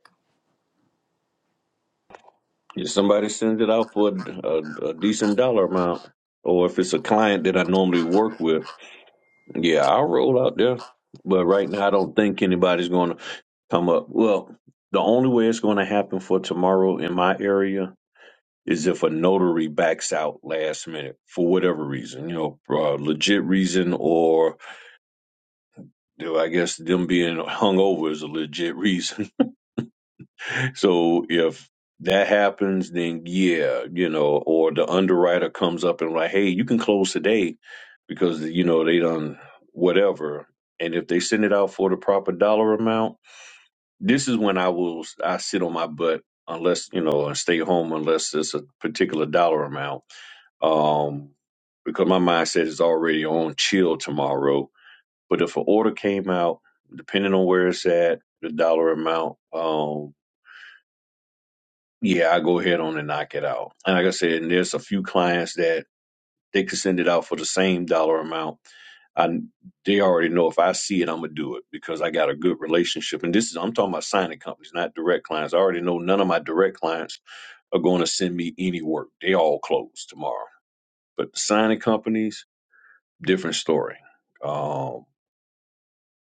Speaker 2: If somebody sends it out for a, a a decent dollar amount, or if it's a client that I normally work with Yeah, I'll roll out there. But right now, I don't think anybody's going to come up. Well, the only way it's going to happen for tomorrow in my area is if a notary backs out last minute for whatever reason, you know, uh, legit reason, or you know, I guess them being hung over is a legit reason. So if that happens, then yeah, you know, or the underwriter comes up and like, hey, you can close today because you know they done whatever. And if they send it out for the proper dollar amount, this is when I will I sit on my butt unless you know and stay home unless it's a particular dollar amount. Um, because my mindset is already on chill tomorrow. But if an order came out, depending on where it's at, the dollar amount. um, yeah, I go ahead on and knock it out. And like I said, and there's a few clients that they can send it out for the same dollar amount. I they already know if I see it, I'm gonna do it because I got a good relationship. And this is I'm talking about signing companies, not direct clients. I already know none of my direct clients are going to send me any work. They all close tomorrow. But the signing companies, different story. Um,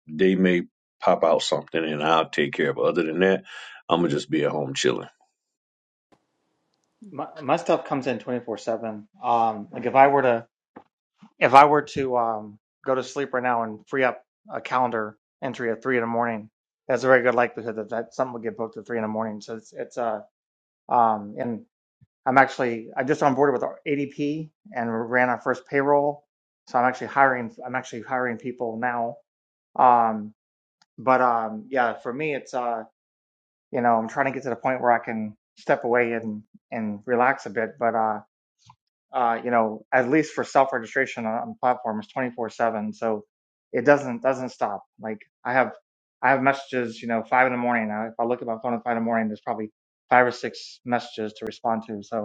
Speaker 2: they may pop out something and I'll take care of it. Other than that, I'm going to just be at home chilling.
Speaker 4: my, my stuff comes in 24 7 um like if i were to if i were to um go to sleep right now and free up a calendar entry at three in the morning there's a very good likelihood that that something would get booked at three in the morning so it's it's uh um and I'm actually I just onboarded with ADP and ran our first payroll, so I'm actually hiring. I'm actually hiring people now. Um, but um, yeah, for me, it's uh, you know, I'm trying to get to the point where I can step away and and relax a bit. But uh, uh, you know, at least for self registration on, on the platform is 24 seven, so it doesn't doesn't stop. Like I have I have messages, you know, five in the morning. I, if I look at my phone at five in the morning, there's probably five or six messages to respond to. So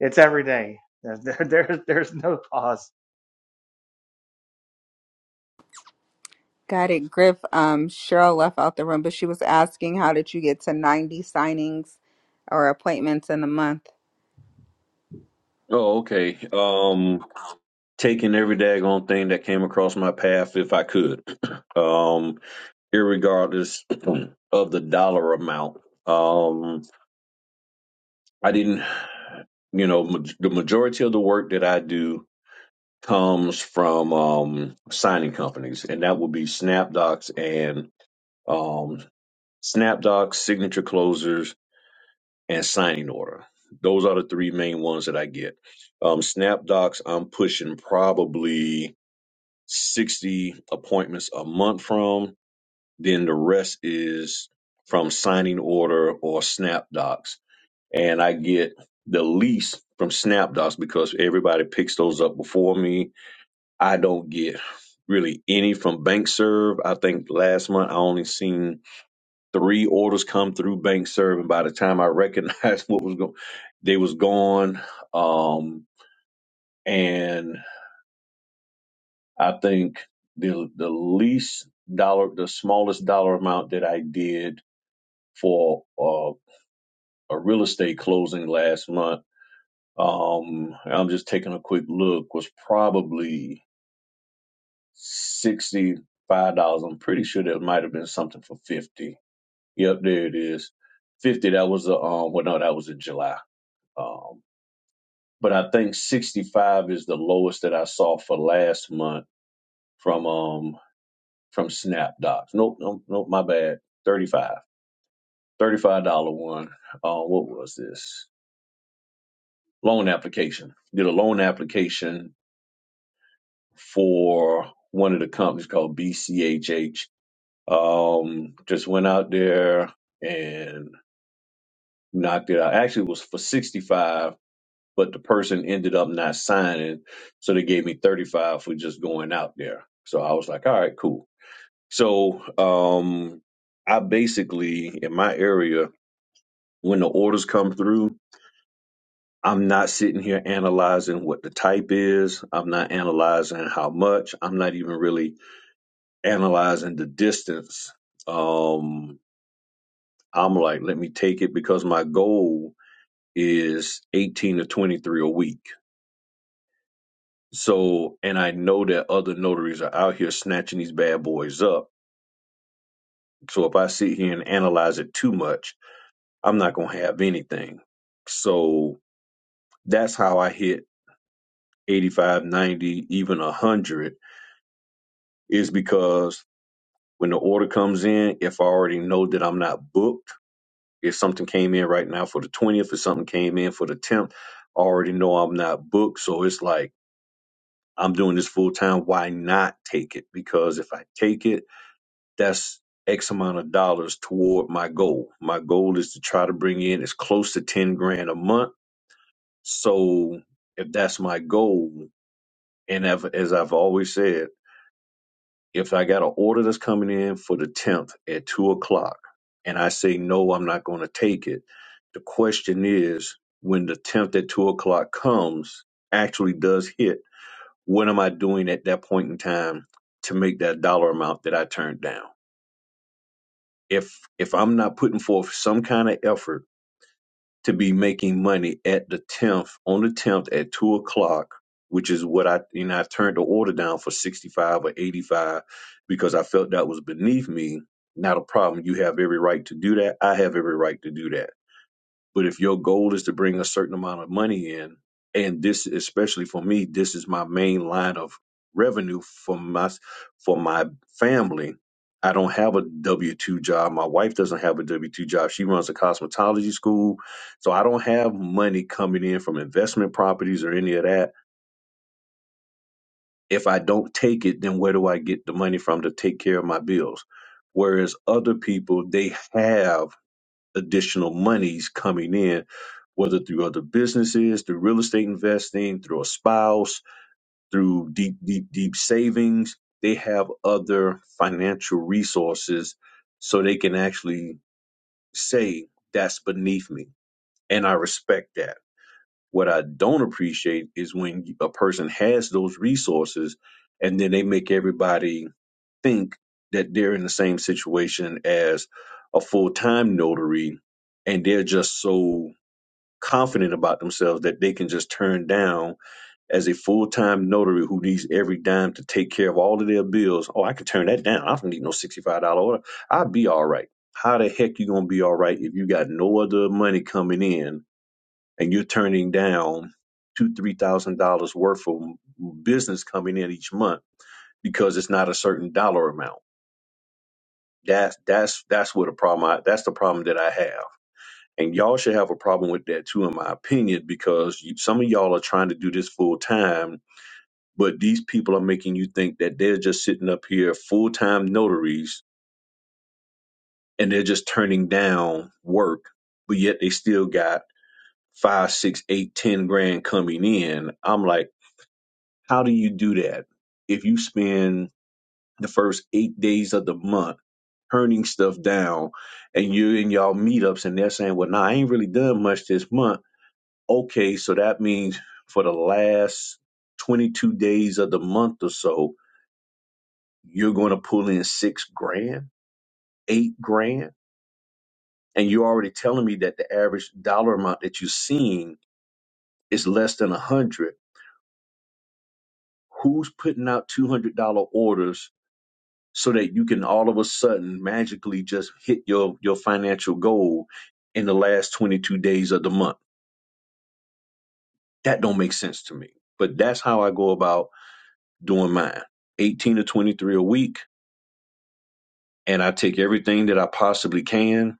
Speaker 4: it's every day. There, there, there's no pause.
Speaker 1: Got it, Griff. Um, Cheryl left out the room, but she was asking, how did you get to 90 signings or appointments in a month?
Speaker 2: Oh, okay. Um, taking every daggone thing that came across my path if I could, um, irregardless of the dollar amount. Um, I didn't, you know, ma- the majority of the work that I do comes from um, signing companies, and that would be SnapDocs and um, SnapDocs, Signature Closers, and Signing Order. Those are the three main ones that I get. Um, SnapDocs, I'm pushing probably 60 appointments a month from. Then the rest is from signing order or SnapDocs and I get the least from Snapdots because everybody picks those up before me. I don't get really any from BankServe. I think last month I only seen three orders come through BankServe, and by the time I recognized what was going, they was gone. Um, and I think the the least dollar, the smallest dollar amount that I did for uh, a real estate closing last month Um, I'm just taking a quick look. Was probably sixty five dollars. I'm pretty sure there might have been something for fifty. Yep, there it is. Fifty. That was the um. Well, no, that was in July. Um, but I think sixty five is the lowest that I saw for last month from um from SnapDocs. Nope, nope, nope. My bad. Thirty five. Thirty five dollar one. Uh, what was this? Loan application. Did a loan application for one of the companies called BCHH. Um, just went out there and knocked it out. Actually, it was for 65, but the person ended up not signing. So they gave me 35 for just going out there. So I was like, all right, cool. So um, I basically, in my area, when the orders come through, I'm not sitting here analyzing what the type is. I'm not analyzing how much. I'm not even really analyzing the distance, um, I'm like, let me take it because my goal is 18 to 23 a week. So, and I know that other notaries are out here snatching these bad boys up. So if I sit here and analyze it too much, I'm not going to have anything. So that's how I hit 85, 90, even 100 is because when the order comes in, if I already know that I'm not booked, If something came in right now for the 20th, if something came in for the 10th, I already know I'm not booked. So it's like, I'm doing this full time. Why not take it? Because if I take it, that's X amount of dollars toward my goal. My goal is to try to bring in as close to 10 grand a month. So if that's my goal, and if, as I've always said, If I got an order that's coming in for the 10th at two o'clock and I say, no, I'm not going to take it, the question is when the 10th at two o'clock comes, actually does hit, what am I doing at that point in time to make that dollar amount that I turned down? If, if I'm not putting forth some kind of effort to be making money at the 10th on the 10th at 2 o'clock which is what i you know i turned the order down for 65 or 85 because i felt that was beneath me not a problem you have every right to do that i have every right to do that but if your goal is to bring a certain amount of money in, and this especially for me, this is my main line of revenue for my for my family. I don't have a W two job. My wife doesn't have a W two job. She runs a cosmetology school, so I don't have money coming in from investment properties or any of that. If I don't take it, then where do I get the money from to take care of my bills? Whereas other people, they have additional monies coming in, whether through other businesses, through real estate investing, through a spouse, through deep, deep, deep savings. They have other financial resources so they can actually say, that's beneath me. And I respect that. What I don't appreciate is when a person has those resources and then they make everybody think that they're in the same situation as a full time notary and they're just so confident about themselves that they can just turn down as a full-time notary who needs every dime to take care of all of their bills. Oh, I can turn that down. I don't need no $65 order. I'll be all right. How the heck you gonna be all right if you got no other money coming in and you're turning down two, three thousand dollars worth of business coming in each month because it's not a certain dollar amount. That's that's that's what a problem I, that's the problem that I have and y'all should have a problem with that too, in my opinion, because you, some of y'all are trying to do this full time, but these people are making you think that they're just sitting up here full time notaries and they're just turning down work, but yet they still got five, six, eight, ten grand coming in. I'm like, how do you do that? If you spend the first eight days of the month turning stuff down and you're in y'all meetups and they're saying, well, no, nah, I ain't really done much this month Okay, so that means for the last 22 days of the month or so, you're going to pull in six grand, eight grand. And you're already telling me that the average dollar amount that you're seeing is less than a hundred. Who's putting out $200 orders so that you can all of a sudden magically just hit your, your financial goal in the last 22 days of the month? That don't make sense to me, but that's how I go about doing mine. 18 to 23 a week and I take everything that I possibly can.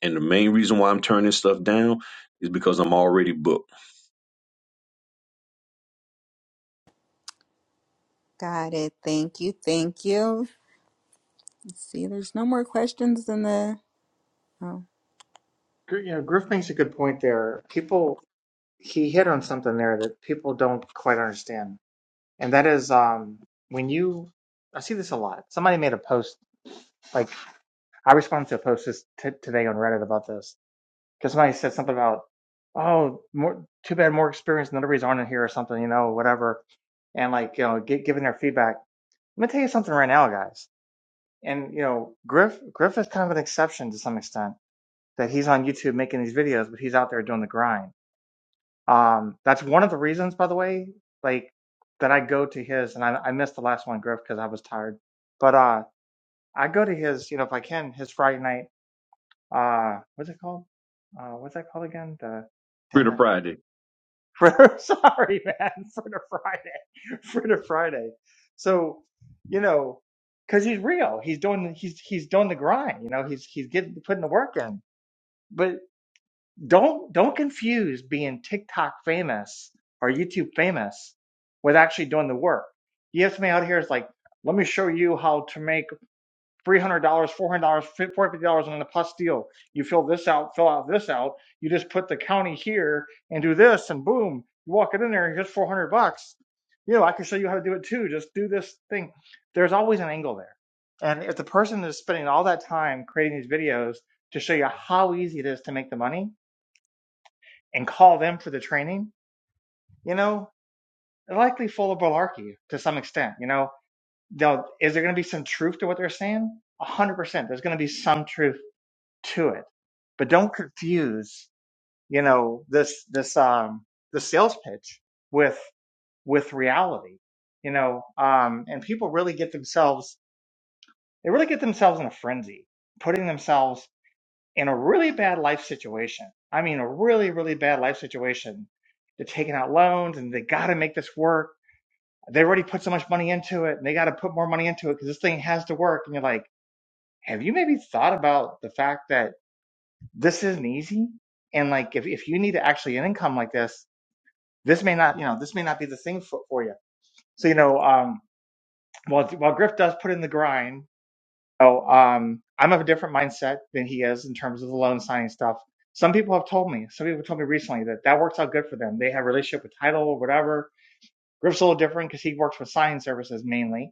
Speaker 2: And the main reason why I'm turning stuff down is because I'm already booked.
Speaker 1: Got it. Thank you. Thank you. Let's see, there's no more questions in the. Oh.
Speaker 4: You know, Griff makes a good point there. People he hit on something there that people don't quite understand, and that is um when you I see this a lot. Somebody made a post like I responded to a post this t- today on Reddit about this because somebody said something about oh more too bad more experienced notaries aren't in here or something you know whatever, and like you know gi- giving their feedback. Let me tell you something right now, guys. And you know Griff Griff is kind of an exception to some extent that he's on YouTube making these videos, but he's out there doing the grind. Um, that's one of the reasons, by the way, like that I go to his, and I, I missed the last one, Griff, because I was tired. But uh, I go to his, you know, if I can, his Friday night. Uh, what's it called? Uh, what's that called again? The
Speaker 2: Free
Speaker 4: damn
Speaker 2: to
Speaker 4: it,
Speaker 2: Friday.
Speaker 4: Fritter. Sorry, man, Fritter Friday, Fritter Friday. So, you know, because he's real, he's doing, he's he's doing the grind. You know, he's he's getting putting the work in. but. don't don't confuse being TikTok famous or YouTube famous with actually doing the work. You have somebody out here is like, let me show you how to make three hundred dollars, four hundred dollars, four fifty dollars on a plus deal. You fill this out, fill out this out. You just put the county here and do this, and boom, you walk it in there and here's four hundred bucks. You know, I can show you how to do it too. Just do this thing. There's always an angle there. And if the person is spending all that time creating these videos to show you how easy it is to make the money, and call them for the training, you know, they're likely full of malarkey to some extent. You know, they'll, is there going to be some truth to what they're saying? A hundred percent. There's going to be some truth to it, but don't confuse, you know, this, this, um, the sales pitch with, with reality, you know, um, and people really get themselves, they really get themselves in a frenzy, putting themselves in a really bad life situation. I mean, a really, really bad life situation. They're taking out loans and they got to make this work. They already put so much money into it and they got to put more money into it because this thing has to work. And you're like, have you maybe thought about the fact that this isn't easy? And like, if, if you need to actually an income like this, this may not, you know, this may not be the thing for, for you. So, you know, um, while, while Griff does put in the grind, So um, I'm of a different mindset than he is in terms of the loan signing stuff. Some people have told me, some people told me recently that that works out good for them. They have a relationship with title or whatever. Griff's a little different because he works with signing services mainly.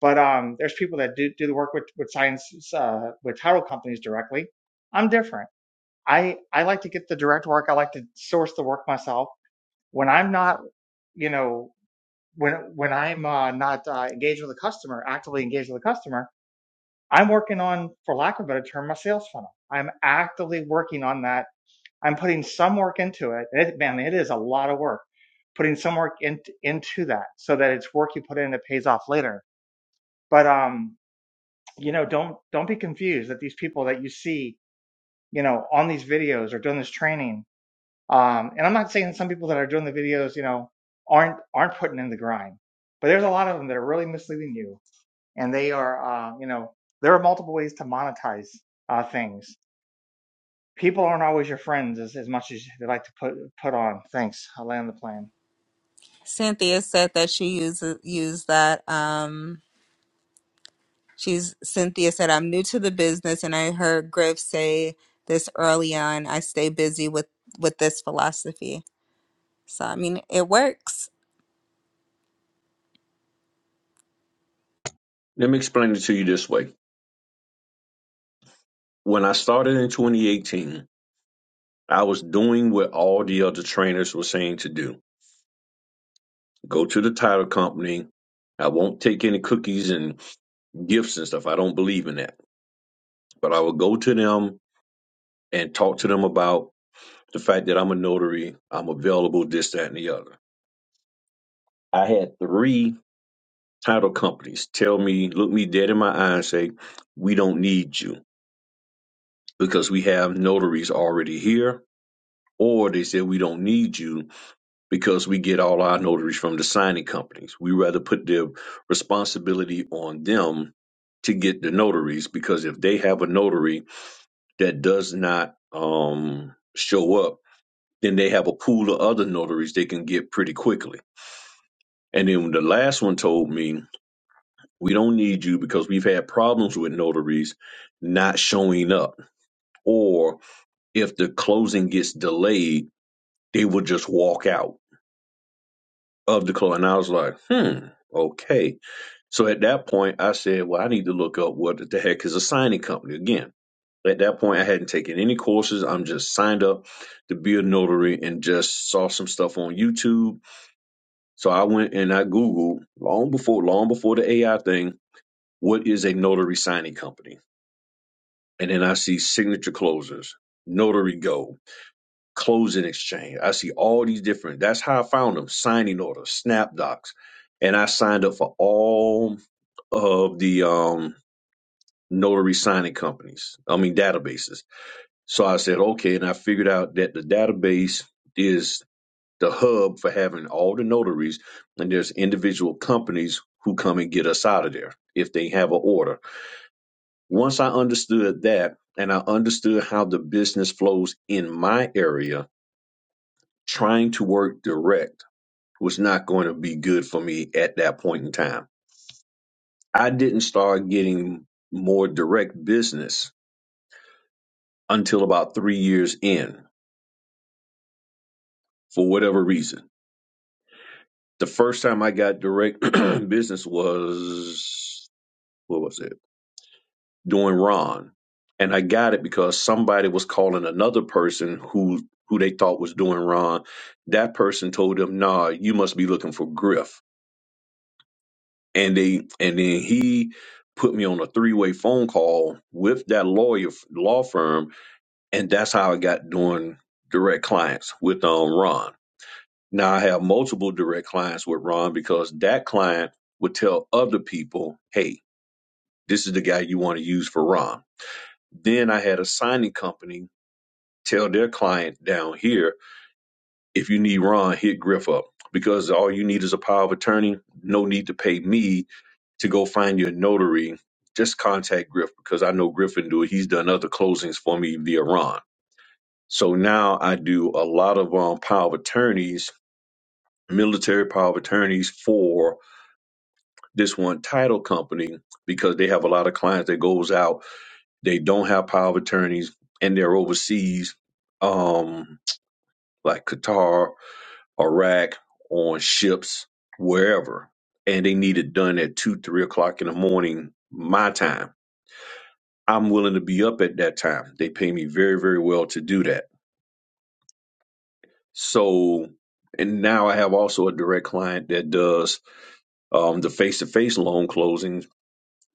Speaker 4: But um, there's people that do, do the work with with signs uh, with title companies directly. I'm different. I I like to get the direct work. I like to source the work myself. When I'm not, you know, when when I'm uh, not uh, engaged with a customer, actively engaged with a customer, I'm working on, for lack of a better term, my sales funnel. I'm actively working on that. I'm putting some work into it. it man, it is a lot of work putting some work in, into that so that it's work you put in that pays off later. But, um, you know, don't, don't be confused that these people that you see, you know, on these videos or doing this training. Um, and I'm not saying some people that are doing the videos, you know, aren't, aren't putting in the grind, but there's a lot of them that are really misleading you and they are, uh, you know, there are multiple ways to monetize uh, things. People aren't always your friends as, as much as they like to put put on. Thanks. I land the plane.
Speaker 1: Cynthia said that she uses used that. Um, she's Cynthia said, I'm new to the business, and I heard Griff say this early on. I stay busy with with this philosophy, so I mean, it works.
Speaker 2: Let me explain it to you this way. When I started in 2018, I was doing what all the other trainers were saying to do. Go to the title company. I won't take any cookies and gifts and stuff. I don't believe in that. But I will go to them and talk to them about the fact that I'm a notary, I'm available, this, that, and the other. I had three title companies tell me, look me dead in my eye and say, we don't need you because we have notaries already here. Or they say we don't need you because we get all our notaries from the signing companies. We rather put the responsibility on them to get the notaries because if they have a notary that does not um, show up, then they have a pool of other notaries they can get pretty quickly. And then the last one told me We don't need you because we've had problems with notaries not showing up. Or if the closing gets delayed, they will just walk out of the closing. And I was like, hmm, okay. So at that point, I said, well, I need to look up what the heck is a signing company again. At that point, I hadn't taken any courses. I'm just signed up to be a notary and just saw some stuff on YouTube. So I went and I Googled long before, long before the AI thing, what is a notary signing company? And then I see signature closers, notary go, closing exchange. I see all these different. That's how I found them. Signing orders, snap docs, and I signed up for all of the um, notary signing companies. I mean databases. So I said okay, and I figured out that the database is the hub for having all the notaries, and there's individual companies who come and get us out of there if they have an order once I understood that and I understood how the business flows in my area, trying to work direct was not going to be good for me at that point in time. I didn't start getting more direct business until about three years in for whatever reason. The first time I got direct business was, what was it? doing wrong. And I got it because somebody was calling another person who who they thought was doing wrong. That person told them, nah, you must be looking for Griff. And they and then he put me on a three way phone call with that lawyer law firm, and that's how I got doing direct clients with um Ron. Now I have multiple direct clients with Ron because that client would tell other people, hey, this is the guy you want to use for Ron. Then I had a signing company tell their client down here if you need Ron, hit Griff up because all you need is a power of attorney. No need to pay me to go find your notary. Just contact Griff because I know Griff can do it. He's done other closings for me via Ron. So now I do a lot of um, power of attorneys, military power of attorneys for this one title company because they have a lot of clients that goes out. They don't have power of attorneys and they're overseas, um, like Qatar Iraq, on ships, wherever, and they need it done at two, three o'clock in the morning, my time. I'm willing to be up at that time. They pay me very, very well to do that. So, and now I have also a direct client that does um, the face-to-face loan closings.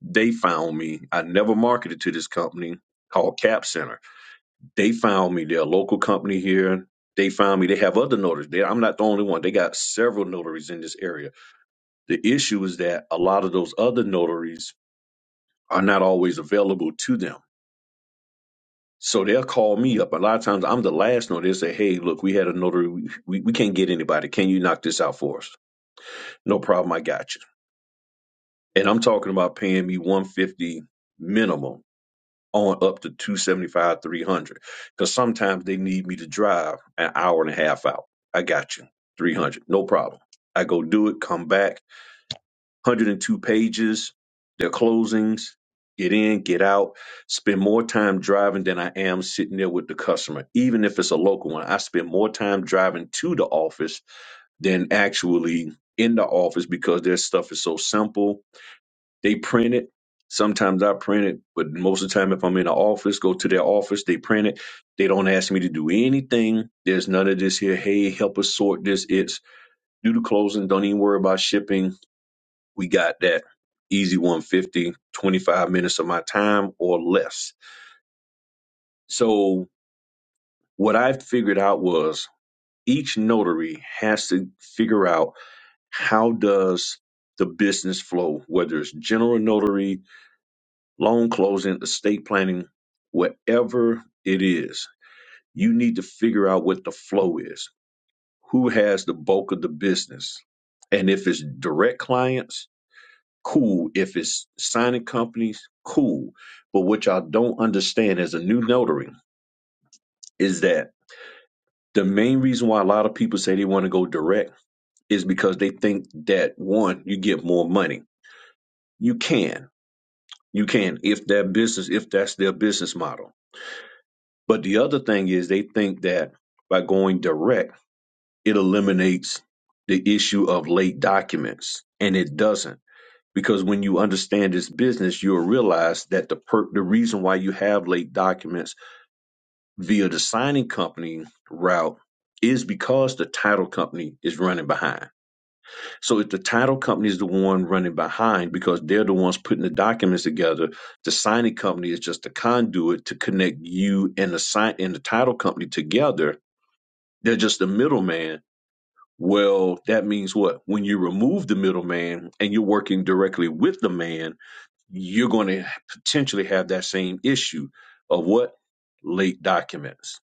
Speaker 2: They found me. I never marketed to this company called Cap Center. They found me. They're a local company here. They found me. They have other notaries. They, I'm not the only one. They got several notaries in this area The issue is that a lot of those other notaries are not always available to them. So they'll call me up. A lot of times I'm the last notary. They say, hey, look, we had a notary. We, we, we can't get anybody. Can you knock this out for us? No problem. I got you. And I'm talking about paying me 150 minimum on up to 275, 300. Because sometimes they need me to drive an hour and a half out. I got you. 300. No problem. I go do it, come back 102 pages, their closings, get in, get out, spend more time driving than I am sitting there with the customer. Even if it's a local one, I spend more time driving to the office than actually in the office because their stuff is so simple. They print it. Sometimes I print it, but most of the time, if I'm in the office, go to their office, they print it. They don't ask me to do anything. There's none of this here. Hey, help us sort this. It's do the closing. Don't even worry about shipping we got that easy one fifty twenty five minutes of my time or less. So what I figured out was each notary has to figure out how does the business flow, whether it's general notary, loan closing, estate planning, whatever it is, you need to figure out what the flow is. Who has the bulk of the business? And if it's direct clients, cool. If it's signing companies, cool. But what y'all don't understand as a new notary is that the main reason why a lot of people say they want to go direct is because they think that one, you get more money. You can. You can if that business, if that's their business model. But the other thing is they think that by going direct, it eliminates the issue of late documents. And it doesn't because when you understand this business, you'll realize that the per- the reason why you have late documents via the signing company route is because the title company is running behind. So if the title company is the one running behind because they're the ones putting the documents together, the signing company is just a conduit to connect you and the sign and the title company together. They're just the middleman. Well, that means what? When you remove the middleman and you're working directly with the man, you're going to potentially have that same issue of what late documents.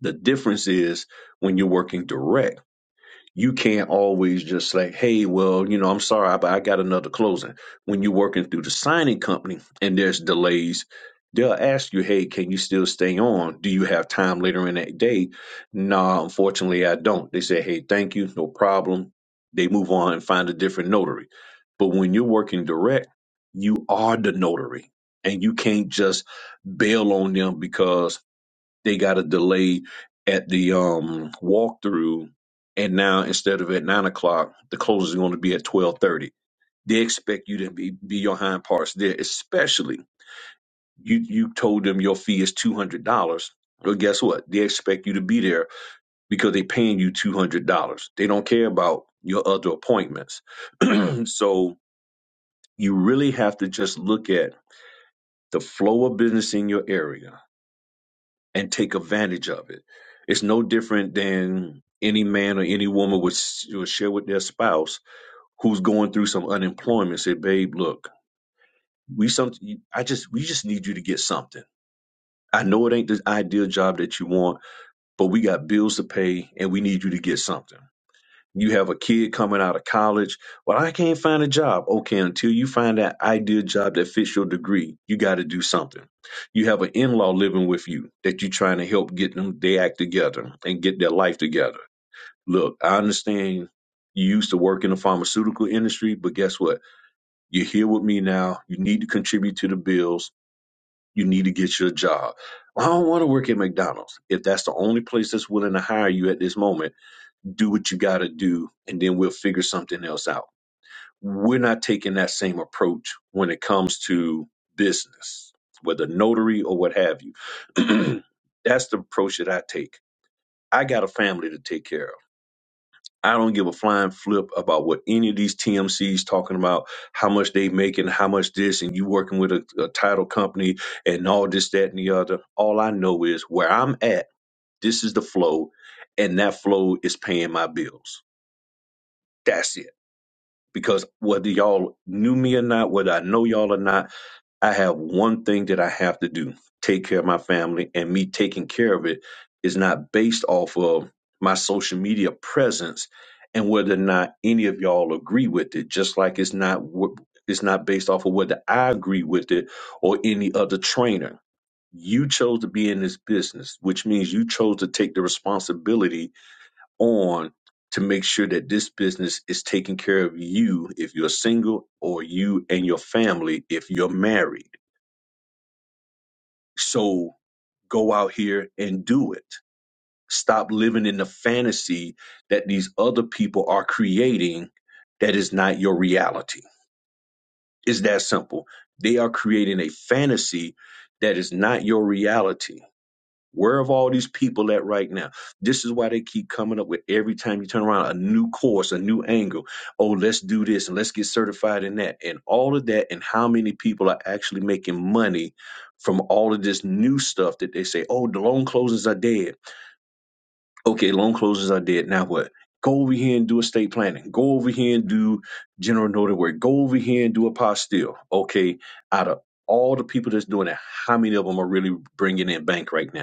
Speaker 2: The difference is when you're working direct you can't always just say, hey, well, you know, I'm sorry, but I got another closing. When you're working through the signing company and there's delays, they'll ask you, hey, can you still stay on? Do you have time later in that day? No, unfortunately, I don't. They say, hey, thank you, no problem. They move on and find a different notary. But when you're working direct, you are the notary and you can't just bail on them because they got a delay at the um walkthrough and now instead of at nine o'clock the close is going to be at 12.30 they expect you to be, be your hind parts there especially you you told them your fee is $200 well guess what they expect you to be there because they're paying you $200 they don't care about your other appointments so you really have to just look at the flow of business in your area and take advantage of it. It's no different than any man or any woman would, s- would share with their spouse who's going through some unemployment. Say, babe, look, we some, I just, we just need you to get something. I know it ain't the ideal job that you want, but we got bills to pay and we need you to get something. You have a kid coming out of college. Well, I can't find a job. Okay, until you find that ideal job that fits your degree, you got to do something. You have an in law living with you that you're trying to help get them they act together and get their life together. Look, I understand you used to work in the pharmaceutical industry, but guess what? You're here with me now. You need to contribute to the bills. You need to get your job. I don't want to work at McDonald's. If that's the only place that's willing to hire you at this moment, do what you got to do, and then we'll figure something else out. We're not taking that same approach when it comes to business, whether notary or what have you. That's the approach that I take. I got a family to take care of. I don't give a flying flip about what any of these TMCs talking about, how much they making, how much this, and you working with a, a title company and all this, that, and the other. All I know is where I'm at, this is the flow, and that flow is paying my bills. That's it. because whether y'all knew me or not, whether I know y'all or not, I have one thing that I have to do take care of my family. And me taking care of it is not based off of my social media presence and whether or not any of y'all agree with it, just like it's not. wh- It's not based off of whether I agree with it or any other trainer. You chose to be in this business, which means you chose to take the responsibility on to make sure that this business is taking care of you if you're single or you and your family if you're married. So go out here and do it. Stop living in the fantasy that these other people are creating that is not your reality. It's that simple. They are creating a fantasy that is not your reality Where have all these people at right now? This is why they keep coming up with every time you turn around a new course, a new angle. Oh, let's do this and let's get certified in that and all of that. And how many people are actually making money from all of this new stuff that they say, oh, the loan closings are dead. Okay, loan closings are dead. Now what? Go over here and do estate planning. Go over here and do general notary work. Go over here and do a apostille. Okay, out of all the people that's doing it, how many of them are really bringing in bank right now?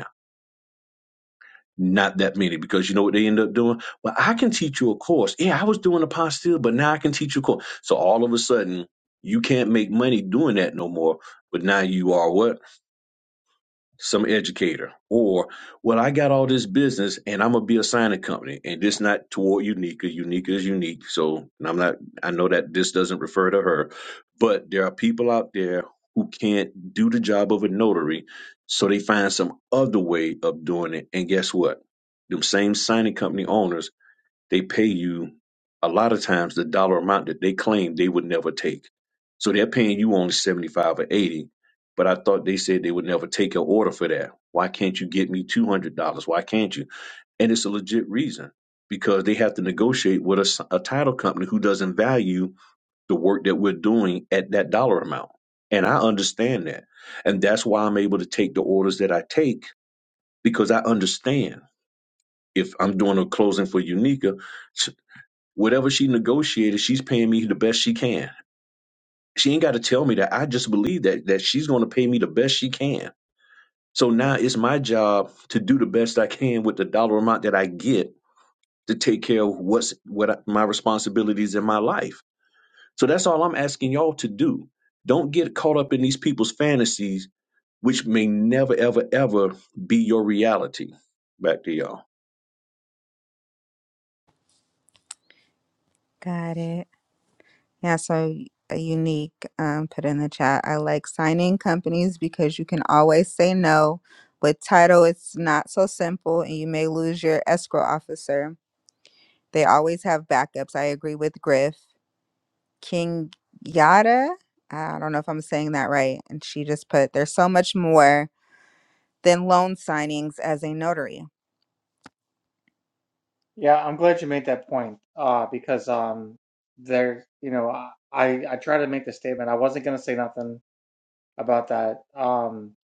Speaker 2: Not that many, because you know what they end up doing? Well, I can teach you a course. Yeah, I was doing a apostille, but now I can teach you a course. So all of a sudden, you can't make money doing that no more. But now you are what? some educator or well i got all this business and i'm gonna be a signing company and this not toward unica unica is unique so and i'm not i know that this doesn't refer to her but there are people out there who can't do the job of a notary so they find some other way of doing it and guess what them same signing company owners they pay you a lot of times the dollar amount that they claim they would never take. So they're paying you only 75 or 80, but I thought they said they would never take an order for that. Why can't you get me $200? Why can't you? And it's a legit reason because they have to negotiate with a, s- a title company who doesn't value the work that we're doing at that dollar amount. And I understand that. And that's why I'm able to take the orders that I take because I understand if I'm doing a closing for Unica, Whatever she negotiated, she's paying me the best she can. She ain't got to tell me that. I just believe that that she's going to pay me the best she can. So now it's my job to do the best I can with the dollar amount that I get to take care of what's what I, my responsibilities in my life. So that's all I'm asking y'all to do. Don't get caught up in these people's fantasies, which may never, ever, ever be your reality. Back to y'all.
Speaker 1: Got it. Yeah, so a unique um, put in the chat. I like signing companies because you can always say no. With title, it's not so simple, and you may lose your escrow officer. They always have backups. I agree with Griff. King Yada, I don't know if I'm saying that right. And she just put, there's so much more than loan signings as a notary.
Speaker 4: Yeah, I'm glad you made that point uh, because um, there, you know, I I tried to make the statement. I wasn't going to say nothing about that. Um,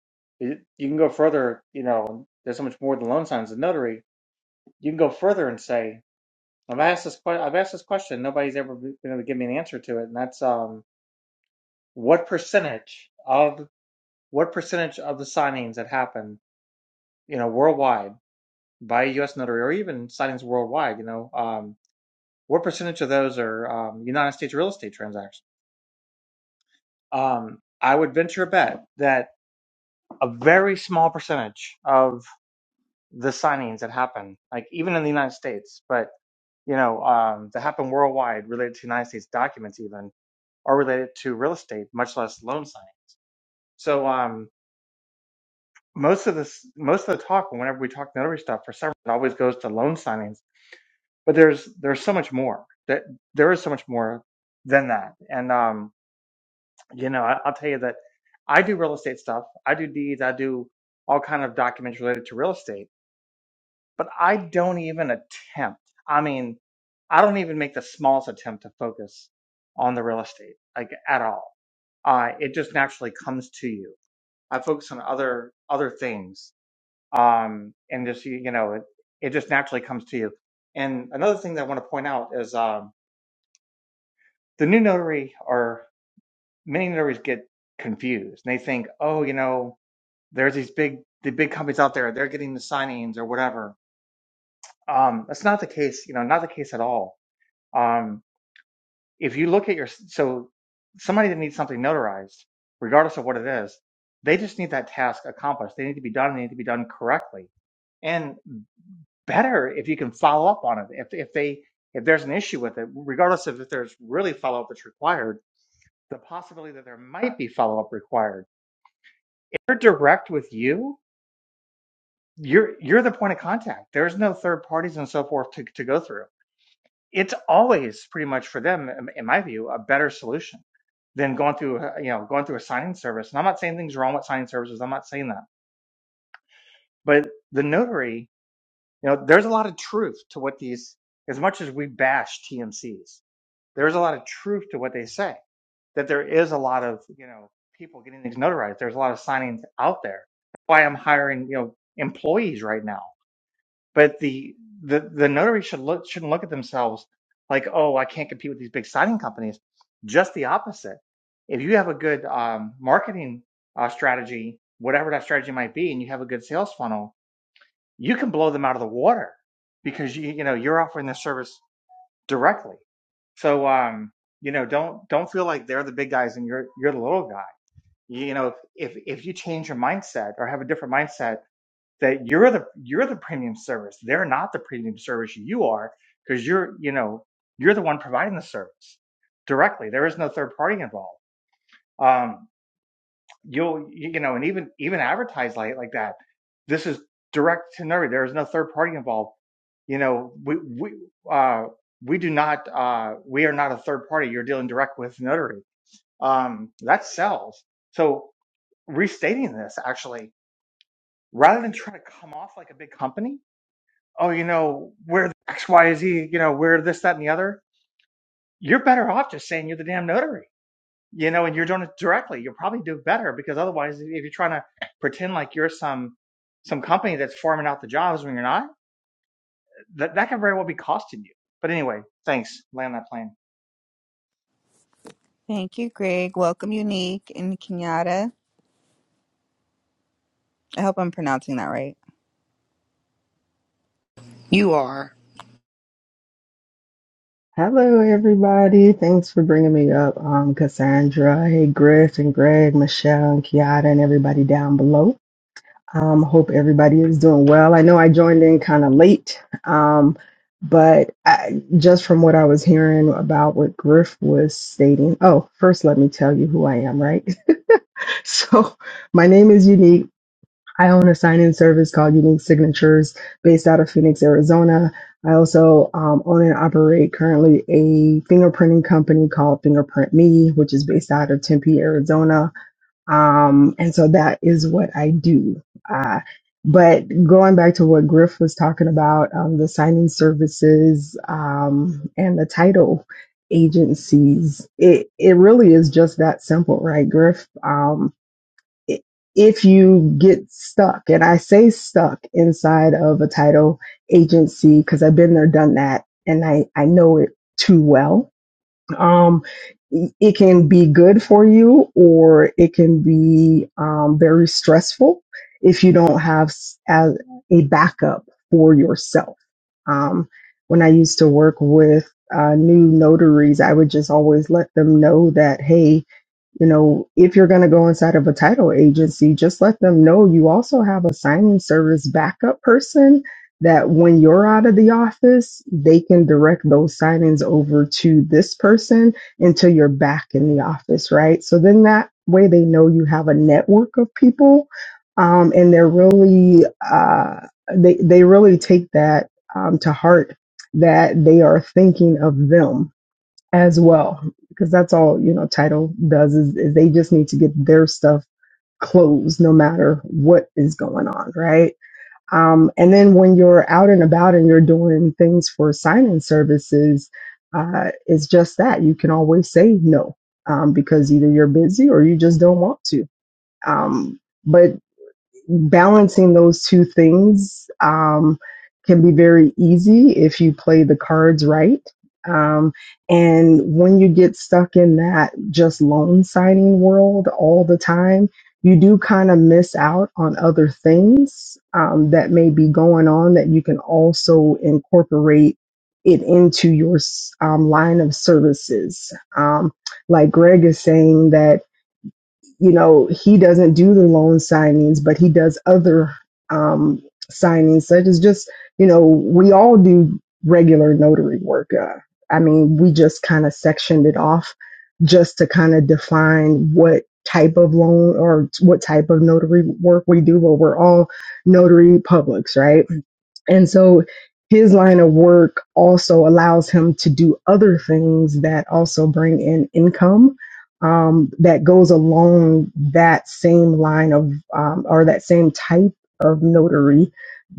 Speaker 4: you you can go further. You know, there's so much more than loan signs and notary. You can go further and say, I've asked this question. I've asked this question. Nobody's ever been able to give me an answer to it, and that's um, what percentage of what percentage of the signings that happen, you know, worldwide by a U.S. notary, or even signings worldwide, you know, um, what percentage of those are um, United States real estate transactions? Um, I would venture a bet that a very small percentage of the signings that happen, like even in the United States, but you know, um, that happen worldwide related to United States documents, even are related to real estate, much less loan signing. So, um, most of this most of the talk whenever we talk notary stuff for several it always goes to loan signings but there's there's so much more that there is so much more than that and um you know I, i'll tell you that i do real estate stuff i do deeds i do all kind of documents related to real estate but i don't even attempt i mean i don't even make the smallest attempt to focus on the real estate like at all uh, it just naturally comes to you i focus on other other things um, and just you know it, it just naturally comes to you. And another thing that I want to point out is um, the new notary or many notaries get confused and they think, oh, you know, there's these big the big companies out there, they're getting the signings or whatever. Um, that's not the case, you know, not the case at all. Um, if you look at your so somebody that needs something notarized, regardless of what it is, they just need that task accomplished. They need to be done. They need to be done correctly. And better if you can follow up on it. If if they if there's an issue with it, regardless of if there's really follow up that's required, the possibility that there might be follow up required. If they're direct with you, you're you're the point of contact. There's no third parties and so forth to, to go through. It's always pretty much for them, in my view, a better solution than going through uh, you know going through a signing service. And I'm not saying things wrong with signing services. I'm not saying that. But the notary, you know, there's a lot of truth to what these. As much as we bash TMCs, there's a lot of truth to what they say. That there is a lot of you know people getting things notarized. There's a lot of signings out there. That's Why I'm hiring you know employees right now. But the the the notary should look shouldn't look at themselves like oh I can't compete with these big signing companies. Just the opposite. If you have a good um, marketing uh, strategy, whatever that strategy might be, and you have a good sales funnel, you can blow them out of the water because you you know you're offering this service directly. So um, you know, don't don't feel like they're the big guys and you're you're the little guy. You know, if if you change your mindset or have a different mindset that you're the you're the premium service, they're not the premium service you are because you're you know you're the one providing the service directly. There is no third party involved. Um, you'll you know and even even advertise like like that this is direct to nerd there is no third party involved you know we we uh we do not uh we are not a third party you're dealing direct with notary um that sells so restating this actually rather than try to come off like a big company oh you know we're x y z you know we're this that and the other you're better off just saying you're the damn notary you know, and you're doing it directly, you'll probably do better because otherwise, if you're trying to pretend like you're some some company that's farming out the jobs when you're not, that that can very well be costing you. But anyway, thanks. Land that plane.
Speaker 1: Thank you, Greg. Welcome, Unique and Kenyatta. I hope I'm pronouncing that right.
Speaker 6: You are.
Speaker 7: Hello, everybody. Thanks for bringing me up, um, Cassandra. Hey, Griff and Greg, Michelle and Kiata, and everybody down below. Um, hope everybody is doing well. I know I joined in kind of late, um, but I, just from what I was hearing about what Griff was stating. Oh, first, let me tell you who I am, right? so, my name is Unique. I own a sign in service called Unique Signatures based out of Phoenix, Arizona. I also um, own and operate currently a fingerprinting company called Fingerprint Me, which is based out of Tempe, Arizona. Um, and so that is what I do. Uh, but going back to what Griff was talking about, um, the signing services um, and the title agencies, it, it really is just that simple, right, Griff? Um, i- if you get stuck, and I say stuck inside of a title agency because I've been there, done that, and I, I know it too well. Um, i- it can be good for you or it can be um, very stressful if you don't have s- as a backup for yourself. Um, when I used to work with uh, new notaries, I would just always let them know that, hey, you know, if you're going to go inside of a title agency, just let them know you also have a signing service backup person that when you're out of the office, they can direct those signings over to this person until you're back in the office, right? So then that way they know you have a network of people. Um, and they're really, uh, they, they really take that um, to heart that they are thinking of them as well because that's all you know title does is, is they just need to get their stuff closed no matter what is going on right um, and then when you're out and about and you're doing things for sign-in services uh, it's just that you can always say no um, because either you're busy or you just don't want to um, but balancing those two things um, can be very easy if you play the cards right. Um, and when you get stuck in that just loan signing world all the time, you do kind of miss out on other things um, that may be going on that you can also incorporate it into your s- um, line of services. Um, like Greg is saying that you know, he doesn't do the loan signings, but he does other um, signings, such as just, you know, we all do regular notary work. Uh, I mean, we just kind of sectioned it off just to kind of define what type of loan or what type of notary work we do, but we're all notary publics, right? And so his line of work also allows him to do other things that also bring in income um, that goes along that same line of um, or that same type of notary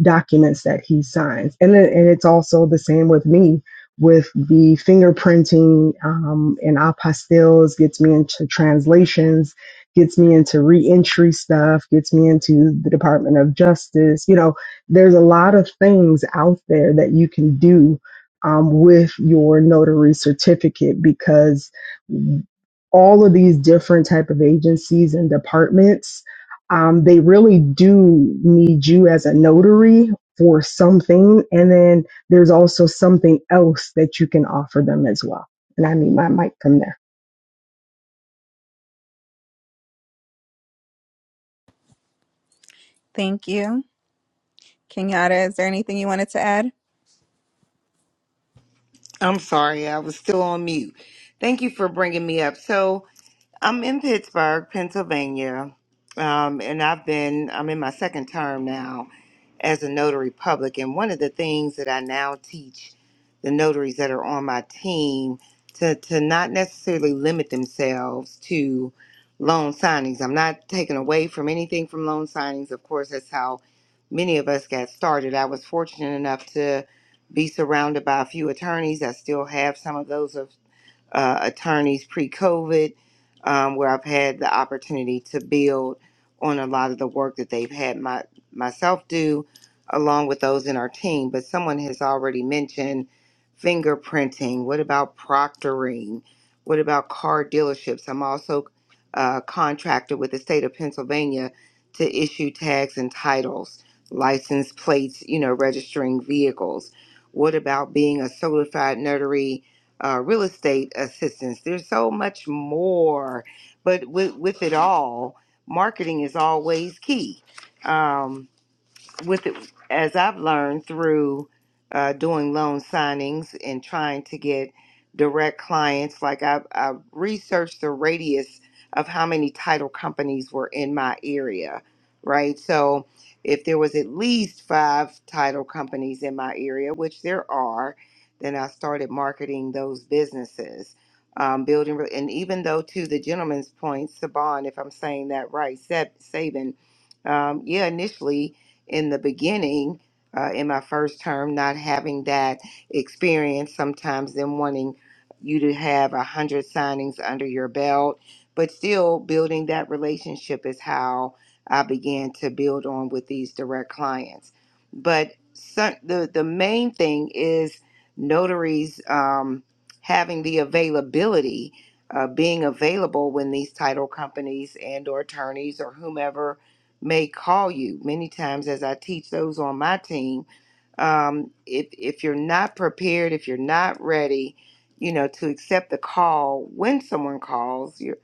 Speaker 7: documents that he signs. And, then, and it's also the same with me with the fingerprinting um, and apostilles gets me into translations gets me into reentry stuff gets me into the department of justice you know there's a lot of things out there that you can do um, with your notary certificate because all of these different type of agencies and departments um, they really do need you as a notary for something and then there's also something else that you can offer them as well and i need my mic from there
Speaker 1: Thank you. Kenyatta, is there anything you wanted to add?
Speaker 6: I'm sorry, I was still on mute. Thank you for bringing me up. So, I'm in Pittsburgh, Pennsylvania, um, and I've been, I'm in my second term now as a notary public. And one of the things that I now teach the notaries that are on my team to, to not necessarily limit themselves to loan signings. I'm not taking away from anything from loan signings. Of course, that's how many of us got started. I was fortunate enough to be surrounded by a few attorneys. I still have some of those uh, attorneys pre COVID, um, where I've had the opportunity to build on a lot of the work that they've had my, myself do, along with those in our team. But someone has already mentioned fingerprinting. What about proctoring? What about car dealerships? I'm also uh, contracted with the state of Pennsylvania to issue tags and titles, license plates, you know, registering vehicles. What about being a certified notary? uh, real estate assistance. There's so much more, but with, with it all, marketing is always key. Um, with it, as I've learned through uh, doing loan signings and trying to get direct clients, like I've, I've researched the radius of how many title companies were in my area, right? So if there was at least five title companies in my area, which there are, then I started marketing those businesses. Um, building re- and even though to the gentleman's point, Saban, if I'm saying that right, Sab- Saban, um, yeah, initially in the beginning, uh, in my first term, not having that experience, sometimes them wanting you to have a hundred signings under your belt, but still building that relationship is how I began to build on with these direct clients. But so, the the main thing is notaries um, having the availability, uh, being available when these title companies and or attorneys or whomever may call you. Many times, as I teach those on my team, um, if if you're not prepared, if you're not ready, you know, to accept the call when someone calls, you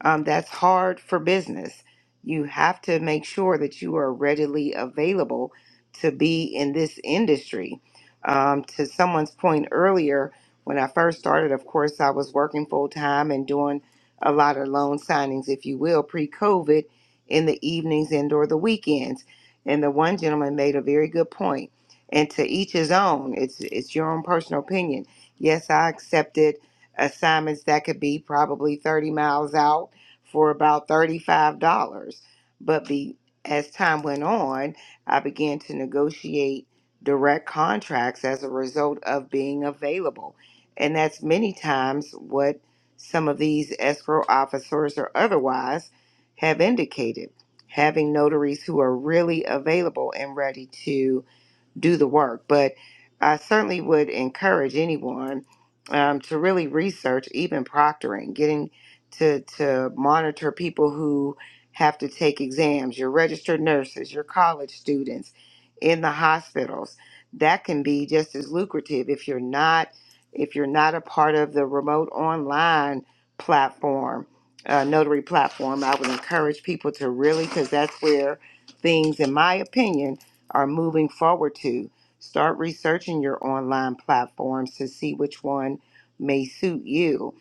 Speaker 6: um, that's hard for business. You have to make sure that you are readily available to be in this industry. Um, to someone's point earlier, when I first started, of course, I was working full time and doing a lot of loan signings, if you will, pre COVID in the evenings and or the weekends. And the one gentleman made a very good point. And to each his own, it's it's your own personal opinion. Yes, I accepted assignments that could be probably 30 miles out for about $35. But be, as time went on, I began to negotiate direct contracts as a result of being available. And that's many times what some of these escrow officers or otherwise have indicated having notaries who are really available and ready to do the work. But I certainly would encourage anyone um, to really research even proctoring, getting to, to monitor people who have to take exams, your registered nurses, your college students in the hospitals. That can be just as lucrative if you're not if you're not a part of the remote online platform, uh, notary platform. I would encourage people to really because that's where things, in my opinion, are moving forward to. Start researching your online platforms to see which one may suit you.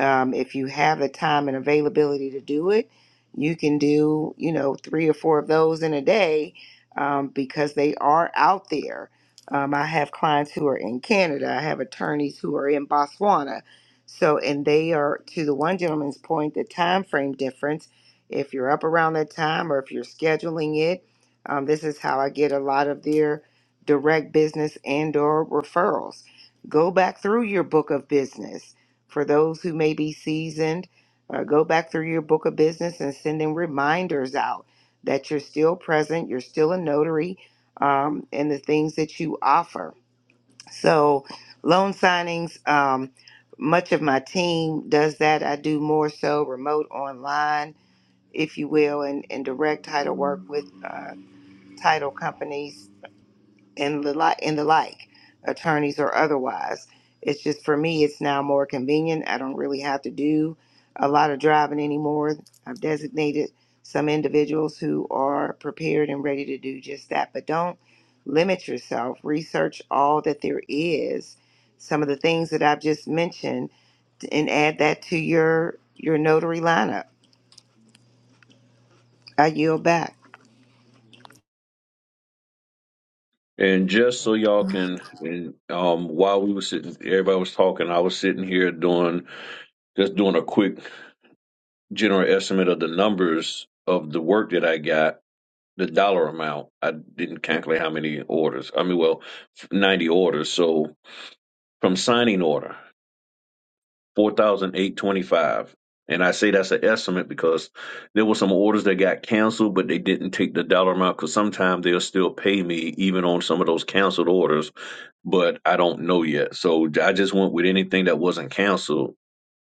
Speaker 6: Um, if you have the time and availability to do it, you can do, you know, three or four of those in a day um, because they are out there. Um, I have clients who are in Canada, I have attorneys who are in Botswana. So, and they are, to the one gentleman's point, the time frame difference if you're up around that time or if you're scheduling it um, this is how I get a lot of their direct business and or referrals. Go back through your book of business. For those who may be seasoned, uh, go back through your book of business and sending reminders out that you're still present, you're still a notary, um, and the things that you offer. So, loan signings, um, much of my team does that. I do more so remote online, if you will, and, and direct title work with. uh, title companies and the like and the like, attorneys or otherwise. It's just for me it's now more convenient. I don't really have to do a lot of driving anymore. I've designated some individuals who are prepared and ready to do just that. But don't limit yourself. Research all that there is, some of the things that I've just mentioned, and add that to your your notary lineup. I yield back.
Speaker 2: And just so y'all can, and um, while we were sitting, everybody was talking. I was sitting here doing Just doing a quick general estimate of the numbers of the work that I got, the dollar amount. I didn't calculate how many orders. I mean, well, 90 orders. So from signing order, four thousand eight twenty-five. And I say that's an estimate because there were some orders that got canceled, but they didn't take the dollar amount because sometimes they'll still pay me even on some of those canceled orders, but I don't know yet. So I just went with anything that wasn't canceled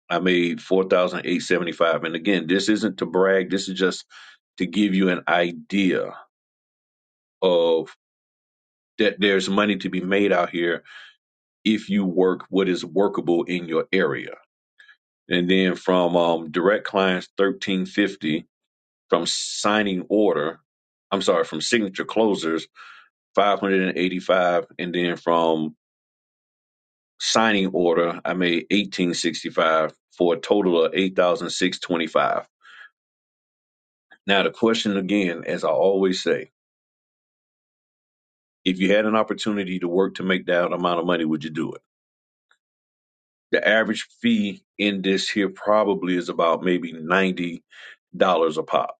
Speaker 2: I made four thousand eight seventy five. And again, this isn't to brag. This is just to give you an idea of that there's money to be made out here if you work what is workable in your area. And then from um, direct clients thirteen fifty from signing order. I'm sorry, from signature closers five hundred and eighty five, and then from signing order I made eighteen sixty five for a total of eight thousand six twenty five. Now the question again, as I always say If you had an opportunity to work to make that amount of money, would you do it? The average fee in this here probably is about maybe ninety dollars a pop.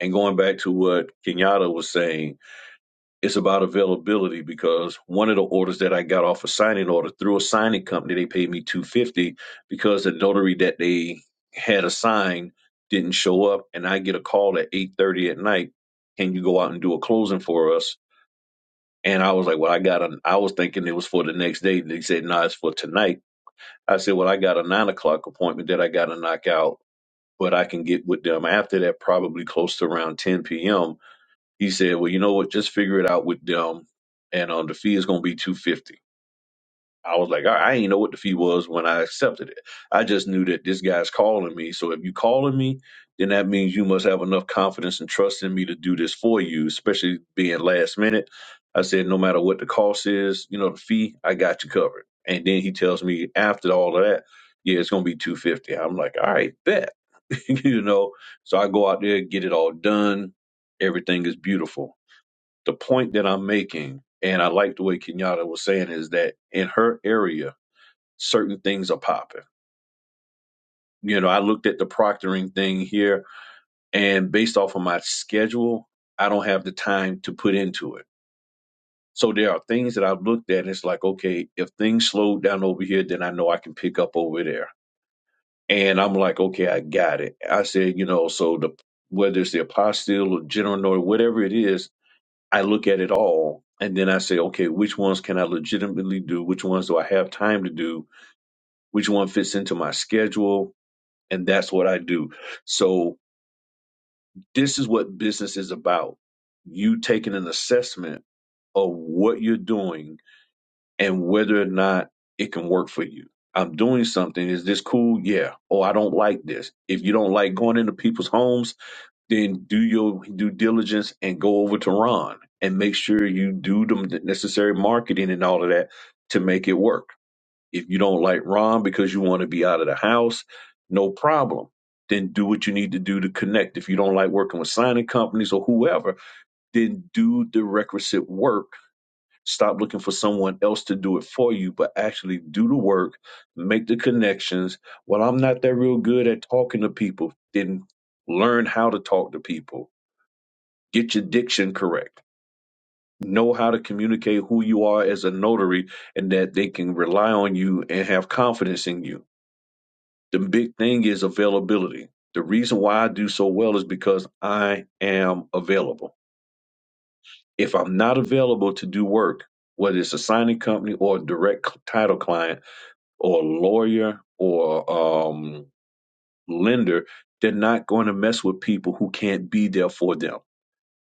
Speaker 2: And going back to what Kenyatta was saying, it's about availability because one of the orders that I got off a signing order through a signing company, they paid me two hundred fifty dollars because the notary that they had assigned didn't show up, and I get a call at eight thirty at night. Can you go out and do a closing for us? And I was like, well, I got an, I was thinking it was for the next day. And he said, no, it's for tonight. I said, well, I got a nine o'clock appointment that I got to knock out, but I can get with them after that, probably close to around 10 p.m. He said, well, you know what? Just figure it out with them. And um, the fee is going to be 250 I was like, all right, I ain't know what the fee was when I accepted it. I just knew that this guy's calling me. So if you calling me, then that means you must have enough confidence and trust in me to do this for you, especially being last minute. I said, no matter what the cost is, you know, the fee, I got you covered. And then he tells me after all of that, yeah, it's gonna be two hundred fifty. dollars. I'm like, all right, bet. you know. So I go out there, get it all done. Everything is beautiful. The point that I'm making, and I like the way Kenyatta was saying, is that in her area, certain things are popping. You know, I looked at the proctoring thing here, and based off of my schedule, I don't have the time to put into it. So there are things that I've looked at, and it's like, okay, if things slow down over here, then I know I can pick up over there. And I'm like, okay, I got it. I said, you know, so the whether it's the apostille or general or whatever it is, I look at it all, and then I say, okay, which ones can I legitimately do? Which ones do I have time to do? Which one fits into my schedule? and that's what I do. So this is what business is about. You taking an assessment of what you're doing and whether or not it can work for you. I'm doing something. Is this cool? Yeah. Oh, I don't like this. If you don't like going into people's homes, then do your due diligence and go over to Ron and make sure you do the necessary marketing and all of that to make it work. If you don't like Ron because you want to be out of the house, no problem. Then do what you need to do to connect. If you don't like working with signing companies or whoever, then do the requisite work. Stop looking for someone else to do it for you, but actually do the work, make the connections. Well, I'm not that real good at talking to people. Then learn how to talk to people. Get your diction correct. Know how to communicate who you are as a notary and that they can rely on you and have confidence in you The big thing is availability. The reason why I do so well is because I am available. If I'm not available to do work, whether it's a signing company or a direct c- title client or a lawyer or um, lender, they're not going to mess with people who can't be there for them.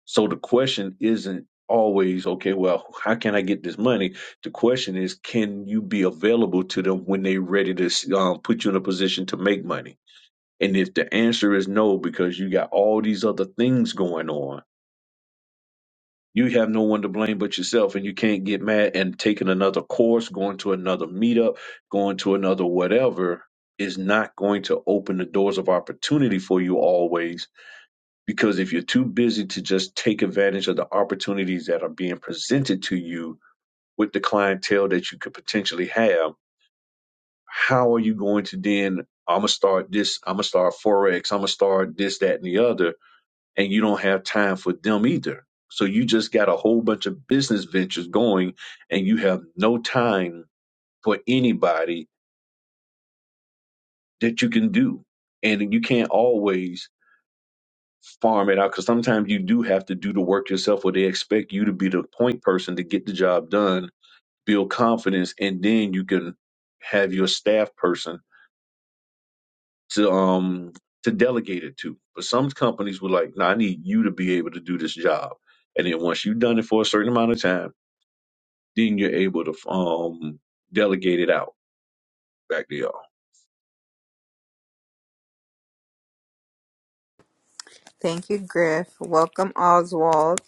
Speaker 2: So the question isn't always, okay, well, how can I get this money? The question is, can you be available to them when they're ready to um, put you in a position to make money? And if the answer is no, because you got all these other things going on, you have no one to blame but yourself, and you can't get mad and taking another course, going to another meetup, going to another whatever is not going to open the doors of opportunity for you always. Because if you're too busy to just take advantage of the opportunities that are being presented to you with the clientele that you could potentially have, how are you going to then? I'm gonna start this. I'm gonna start forex. I'm gonna start this, that, and the other and you don't have time for them either. So you just got a whole bunch of business ventures going and you have no time for anybody that you can do. And you can't always farm it out because sometimes you do have to do the work yourself or they expect you to be the point person to get the job done, build confidence, and then you can have your staff person to um to delegate it to. But some companies were like, no, I need you to be able to do this job. And then once you've done it for a certain amount of time, then you're able to um delegate it out back to y'all.
Speaker 1: Thank you, Griff. Welcome, Oswald.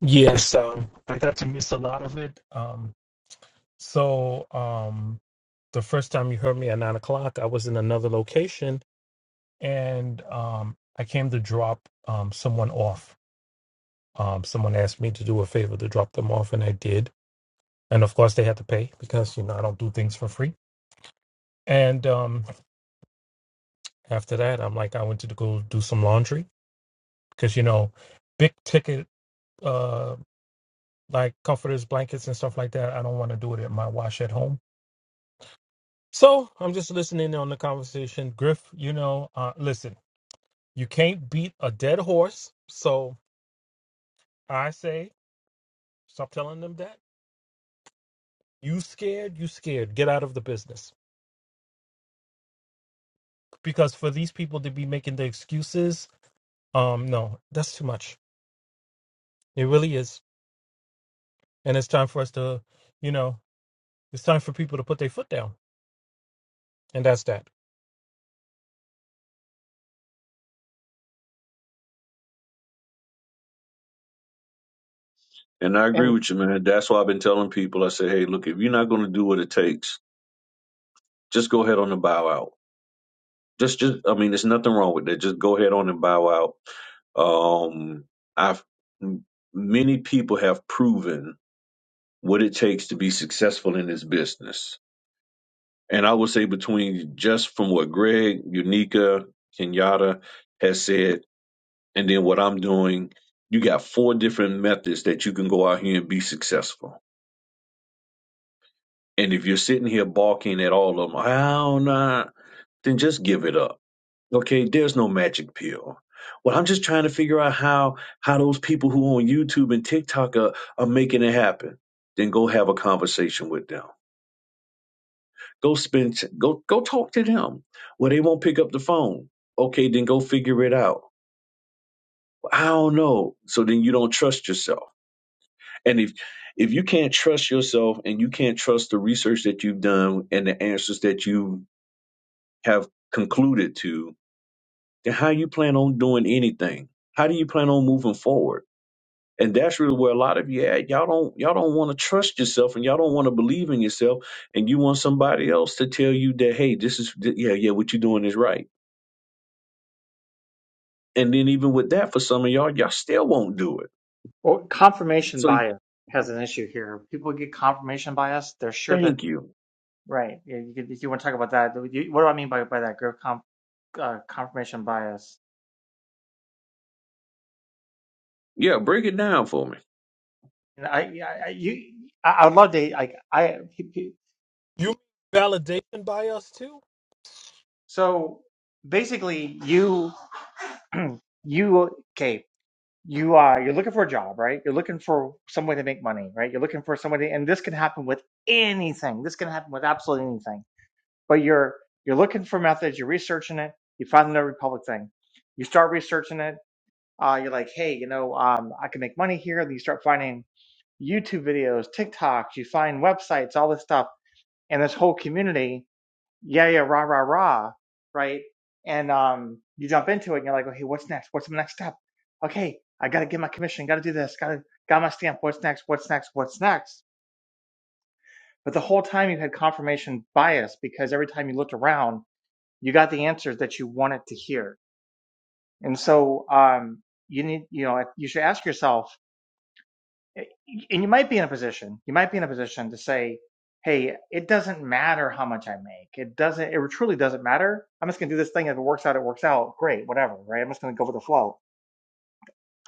Speaker 3: Yes, um, I got to miss a lot of it. Um, so um, the first time you heard me at nine o'clock, I was in another location, and um, I came to drop um, someone off. Um, someone asked me to do a favor to drop them off, and I did. And of course, they had to pay because you know I don't do things for free. And um, after that, I'm like, I went to go do some laundry because you know big ticket uh like comforters blankets and stuff like that i don't want to do it in my wash at home so i'm just listening on the conversation griff you know uh listen you can't beat a dead horse so i say stop telling them that you scared you scared get out of the business because for these people to be making the excuses um no that's too much it really is and it's time for us to you know it's time for people to put their foot down and that's that
Speaker 2: And I agree
Speaker 4: And
Speaker 2: with you, man. That's why I've been telling people. I say, hey, look, if you're not going to do what it takes, just go ahead on and bow out. Just, just, I mean, there's nothing wrong with that. Just go ahead on and bow out. Um, I've many people have proven what it takes to be successful in this business. And I would say between just from what Greg, Unica, Kenyatta has said And then what I'm doing, you got four different methods that you can go out here and be successful. And if you're sitting here balking at all of them, how not? Then just give it up. Okay, there's no magic pill. Well, I'm just trying to figure out how how those people who on YouTube and TikTok are, are making it happen. Then go have a conversation with them. Go spend go go talk to them. Well, they won't pick up the phone. Okay, then go figure it out. Well, I don't know. So then you don't trust yourself And if if you can't trust yourself and you can't trust the research that you've done and the answers that you have concluded to, then how you plan on doing anything? How do you plan on moving forward? And that's really where a lot of you at. Y'all don't y'all don't want to trust yourself and y'all don't want to believe in yourself and you want somebody else to tell you that hey, this is th- yeah, yeah, what you're doing is right. And then even with that for some of y'all, y'all still won't do it.
Speaker 4: well, confirmation
Speaker 2: So
Speaker 4: bias has an issue here. People get confirmation bias; they're sure that
Speaker 2: thank you.
Speaker 4: right. Yeah, you could, if you want to talk about that, you, what do I mean by by that? Growth comp, uh, confirmation bias.
Speaker 2: Yeah, break it down for me.
Speaker 4: And I, I I- you, I I would love to like I.
Speaker 3: You mean validation by us too?
Speaker 4: So basically, you. you okay you uh you're looking for a job right you're looking for some way to make money right you're looking for somebody and this can happen with anything this can happen with absolutely anything but you're you're looking for methods you're researching it you find the no republic thing you start researching it uh you're like hey you know um i can make money here and you start finding youtube videos tiktoks you find websites all this stuff and this whole community yeah, yeah, rah, rah, rah, right? And um, you jump into it and you're like, okay, what's next? What's the next step? Okay, I gotta get my commission, gotta do this, gotta got my stamp, what's next, what's next, what's next? But the whole time you had confirmation bias because every time you looked around, you got the answers that you wanted to hear. And so um you need, you know, you should ask yourself, and you might be in a position you might be in a position to say hey it doesn't matter how much i make it doesn't it truly doesn't matter i'm just going to do this thing if it works out it works out great whatever right i'm just going to go with the flow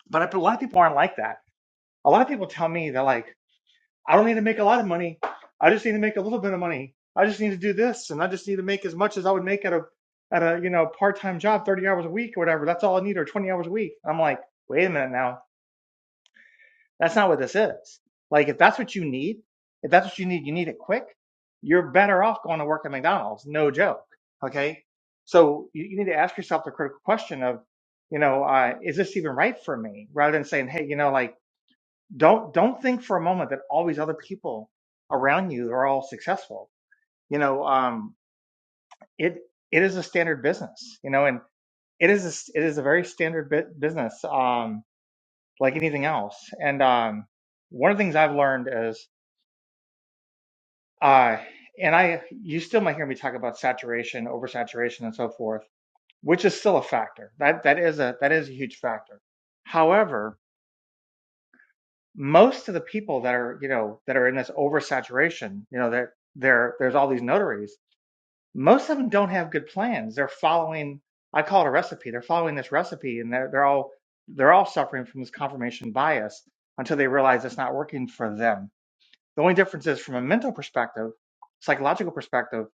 Speaker 4: but a lot of people aren't like that a lot of people tell me they're like i don't need to make a lot of money i just need to make a little bit of money i just need to do this and i just need to make as much as i would make at a at a you know part-time job 30 hours a week or whatever that's all i need or 20 hours a week and i'm like wait a minute now That's not what this is. Like, if that's what you need, if that's what you need, you need it quick. You're better off going to work at McDonald's. No joke. Okay. So you, you need to ask yourself the critical question of, you know, uh, is this even right for me? Rather than saying, Hey, you know, like, don't, don't think for a moment that all these other people around you are all successful. You know, um, it, it is a standard business, you know, and it is, a, s- it is a very standard bit business. Um, like anything else. And, um, one of the things I've learned is Uh, and I, you still might hear me talk about saturation, oversaturation, and so forth, which is still a factor. That that is a that is a huge factor. However, most of the people that are you know that are in this oversaturation, you know that there there's all these notaries. Most of them don't have good plans. They're following, I call it a recipe. They're following this recipe, and they're they're all they're all suffering from this confirmation bias until they realize it's not working for them. The only difference is from a mental perspective, psychological perspective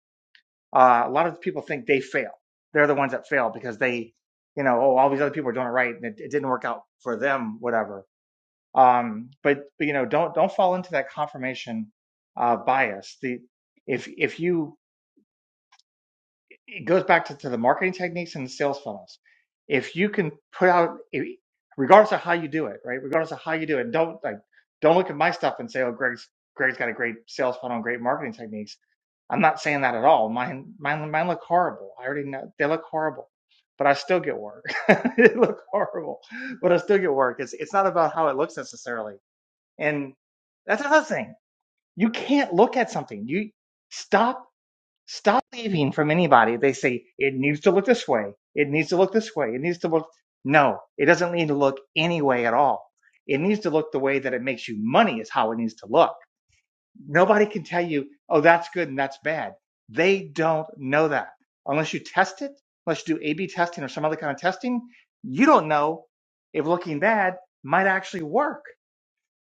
Speaker 4: Uh, a lot of people think they fail. They're the ones that fail because they, you know, oh, all these other people are doing it right and it, it didn't work out for them, whatever. Um, but, but you know, don't don't fall into that confirmation uh, bias. The if if you it goes back to, to the marketing techniques and the sales funnels. If you can put out, regardless of how you do it, right? Regardless of how you do it, don't like don't look at my stuff and say, oh, Greg's Greg's got a great sales funnel and great marketing techniques I'm not saying that at all. Mine, mine, mine look horrible. I already know they look horrible, but I still get work. they look horrible, but I still get work. It's it's not about how it looks necessarily. And that's another thing. You can't look at something. You stop stop leaving from anybody. They say it needs to look this way. It needs to look this way. It needs to look. No, it doesn't need to look any way at all. It needs to look the way that it makes you money is how it needs to look Nobody can tell you, oh, that's good and that's bad. They don't know that. Unless you test it, unless you do A B testing or some other kind of testing, you don't know if looking bad might actually work.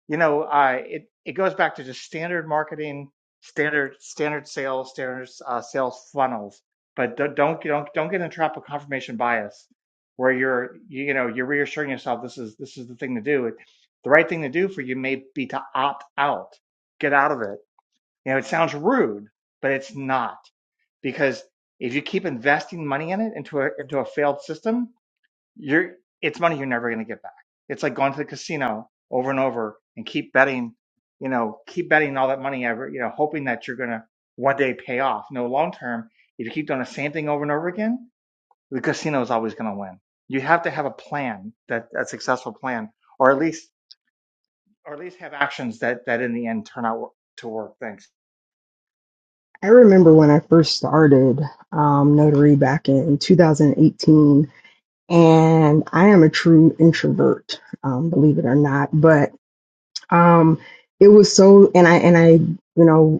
Speaker 4: You know, I it, it goes back to just standard marketing, standard standard sales, standard uh, sales funnels. But don't don't don't don't get in the trap of confirmation bias, where you're you, you know you're reassuring yourself this is this is the thing to do. The right thing to do for you may be to opt out, get out of it you know, it sounds rude, but it's not because if you keep investing money in it into a into a failed system, you're it's money you're never going to get back. It's like going to the casino over and over and keep betting, you know, keep betting all that money ever, you know, hoping that you're going to one day pay off. No, long term, if you keep doing the same thing over and over again, the casino is always going to win. You have to have a plan that a successful plan, or at least or at least have actions that that in the end turn out to work. Thanks.
Speaker 7: i remember when i first started um, notary back in 2018 and I am a true introvert, um, believe it or not. But um, it was so, and I and I, you know,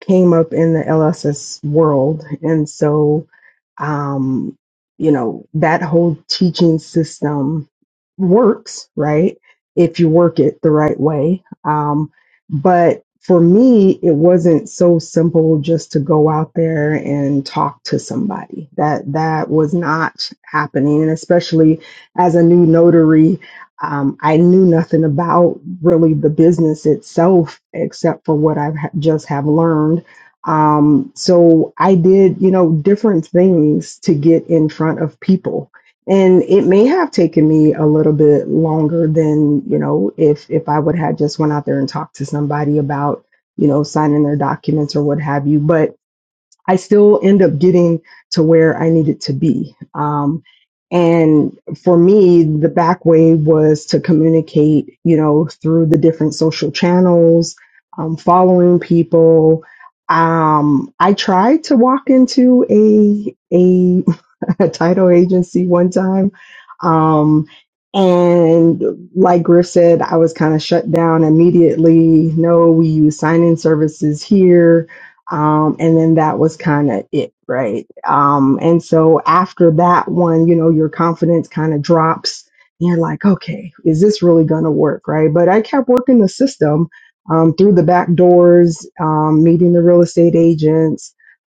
Speaker 7: came up in the LSS world. And so, um, you know, that whole teaching system works, right? If you work it the right way. Um, but for me, it wasn't so simple just to go out there and talk to somebody. That that was not happening, and especially as a new notary, um, I knew nothing about really the business itself except for what I've ha- just have learned. Um, so I did, you know, different things to get in front of people. And it may have taken me a little bit longer than, you know, if if I would have just went out there and talked to somebody about, you know, signing their documents or what have you. But I still end up getting to where I needed to be. Um, and for me, the back way was to communicate, you know, through the different social channels, um, following people. Um, I tried to walk into a a a title agency one time. Um, and like Griff said, I was kind of shut down immediately. No, we use sign in services here. Um, and then that was kind of it, right? Um, and so after that one, you know, your confidence kind of drops. And you're like, okay, is this really going to work, right? But I kept working the system um, through the back doors, um, meeting the real estate agents,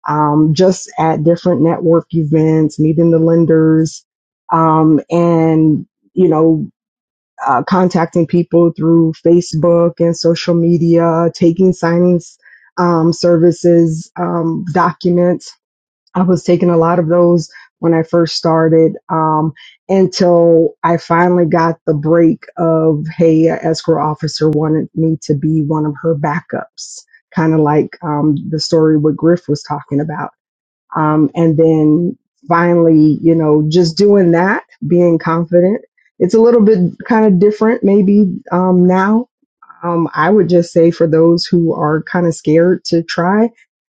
Speaker 7: um, just at different network events, meeting the lenders, um, and you know, uh, contacting people through Facebook and social media, taking signings um, services um, documents. I was taking a lot of those when I first started um, until I finally got the break of, hey, a escrow officer wanted me to be one of her backups, kind of like um, the story what Griff was talking about um, and then finally you know just doing that being confident it's a little bit kind of different maybe um, now um, I would just say for those who are kind of scared to try,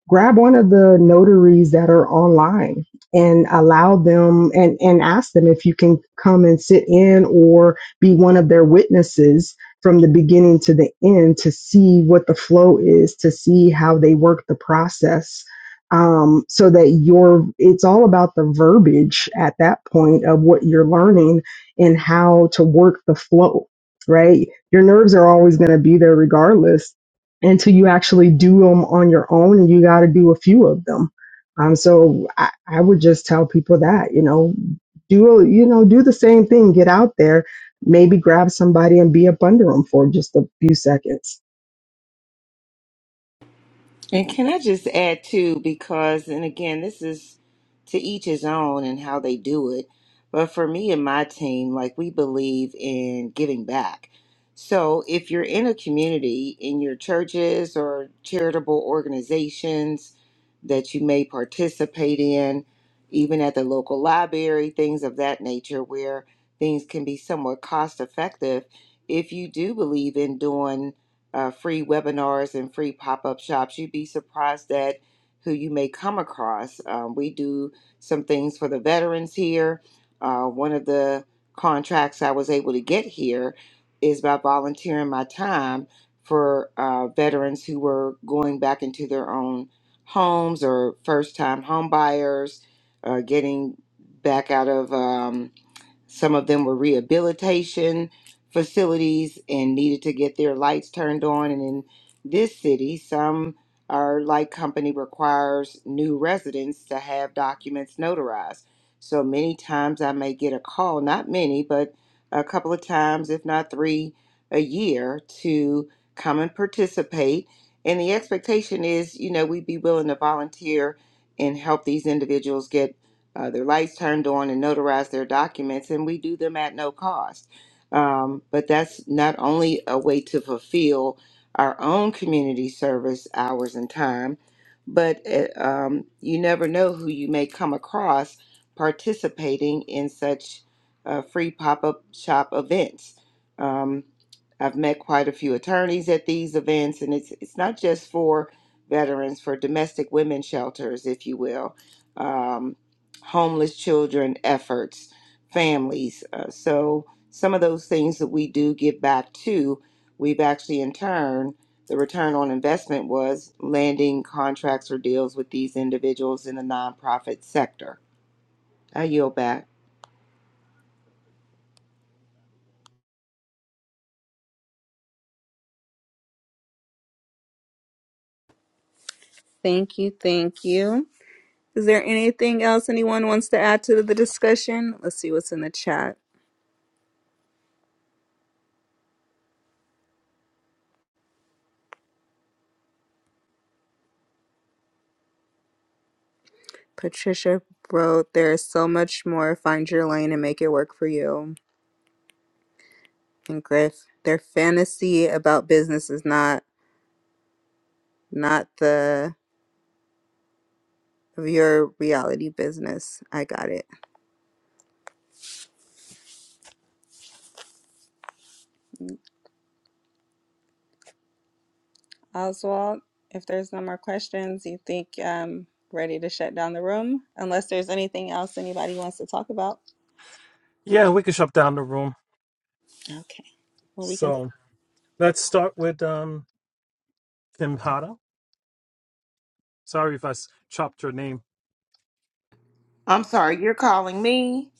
Speaker 7: grab one of the notaries that are online and allow them and, and ask them if you can come and sit in or be one of their witnesses from the beginning to the end to see what the flow is, to see how they work the process. Um, so that your it's all about the verbiage at that point of what you're learning and how to work the flow right? your nerves are always going to be there regardless until you actually do them on your own and you got to do a few of them um, so I, I would just tell people that you know do you know do the same thing get out there maybe grab somebody and be up under them for just a few seconds
Speaker 6: And can I just add too, because, and again, this is to each his own and how they do it. But for me and my team, like we believe in giving back. So if you're in a community, in your churches or charitable organizations that you may participate in, even at the local library, things of that nature, where things can be somewhat cost effective, if you do believe in doing uh, free webinars and free pop-up shops you'd be surprised at who you may come across um, we do some things for the veterans here uh, one of the contracts i was able to get here is by volunteering my time for uh, veterans who were going back into their own homes or first-time home buyers uh, getting back out of um, some of them were rehabilitation facilities and needed to get their lights turned on. And in this city, some our light company requires new residents to have documents notarized. So many times I may get a call, not many, but a couple of times, if not three, a year to come and participate. And the expectation is, you know, we'd be willing to volunteer and help these individuals get uh, their lights turned on and notarize their documents, and we do them at no cost. Um, but that's not only a way to fulfill our own community service hours and time, but uh, um, you never know who you may come across participating in such uh, free pop up shop events. Um, I've met quite a few attorneys at these events, and it's it's not just for veterans, for domestic women shelters, if you will. Um, homeless children efforts, families. Uh, so some of those things that we do give back to, we've actually in turn, the return on investment was landing contracts or deals with these individuals in the nonprofit sector. I yield back.
Speaker 1: Thank you, thank you. Is there anything else anyone wants to add to the discussion? Let's see what's in the chat. Patricia wrote, There is so much more. Find your lane and make it work for you. And Griff, their fantasy about business is not not the of your reality business. I got it. Oswald, if there's no more questions, you think um ready to shut down the room unless there's anything else anybody wants to talk about.
Speaker 3: Yeah, we could shut down the room.
Speaker 1: Okay. Well, we can.
Speaker 3: So let's start with um Kim Hada. Sorry if I s- chopped your name.
Speaker 6: I'm sorry, you're calling me?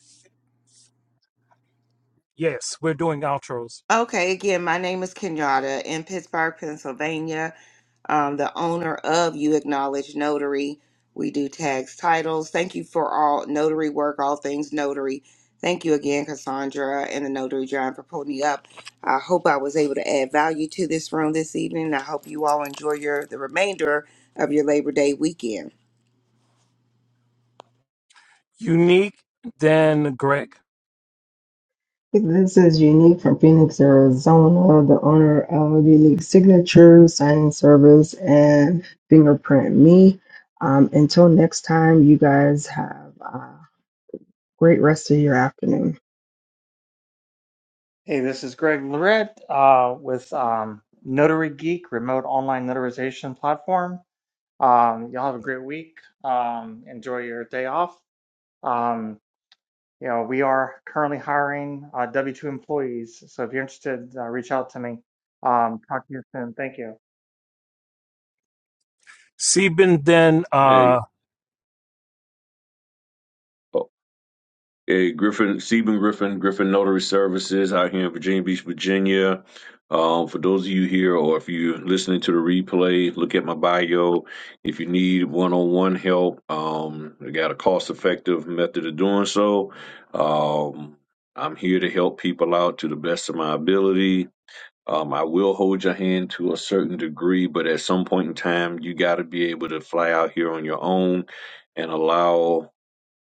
Speaker 3: Yes, we're doing outros.
Speaker 6: Okay, again, my name is Kenyatta in Pittsburgh, Pennsylvania. um, the owner of You Acknowledge Notary. We do tags, titles. Thank you for all notary work, all things notary. Thank you again, Cassandra and the Notary John, for pulling me up. I hope I was able to add value to this room this evening. I hope you all enjoy your the remainder of your Labor Day weekend.
Speaker 3: Unique, then Greg.
Speaker 7: This is Unique from Phoenix, Arizona, the owner of Unique Signature Signing Service, and Fingerprint Me. Um, until next time, you guys have. Uh, Great rest of your afternoon.
Speaker 4: Hey, this is Greg Lorette uh, with um, Notary Geek, remote online notarization platform. Um, y'all have a great week. Um, enjoy your day off. Um, you know, we are currently hiring uh, W-2 employees, so if you're interested, uh, reach out to me. Um, talk to you soon. Thank you.
Speaker 3: Sebin, then uh
Speaker 2: Hey. eh, Griffin, Stephen Griffin, Griffin Notary Services out here in Virginia Beach, Virginia. Um, for those of you here, or if you're listening to the replay, look at my bio. If you need one-on-one help, um, I got a cost-effective method of doing so. Um, I'm here to help people out to the best of my ability. Um, I will hold your hand to a certain degree, but at some point in time, you got to be able to fly out here on your own and allow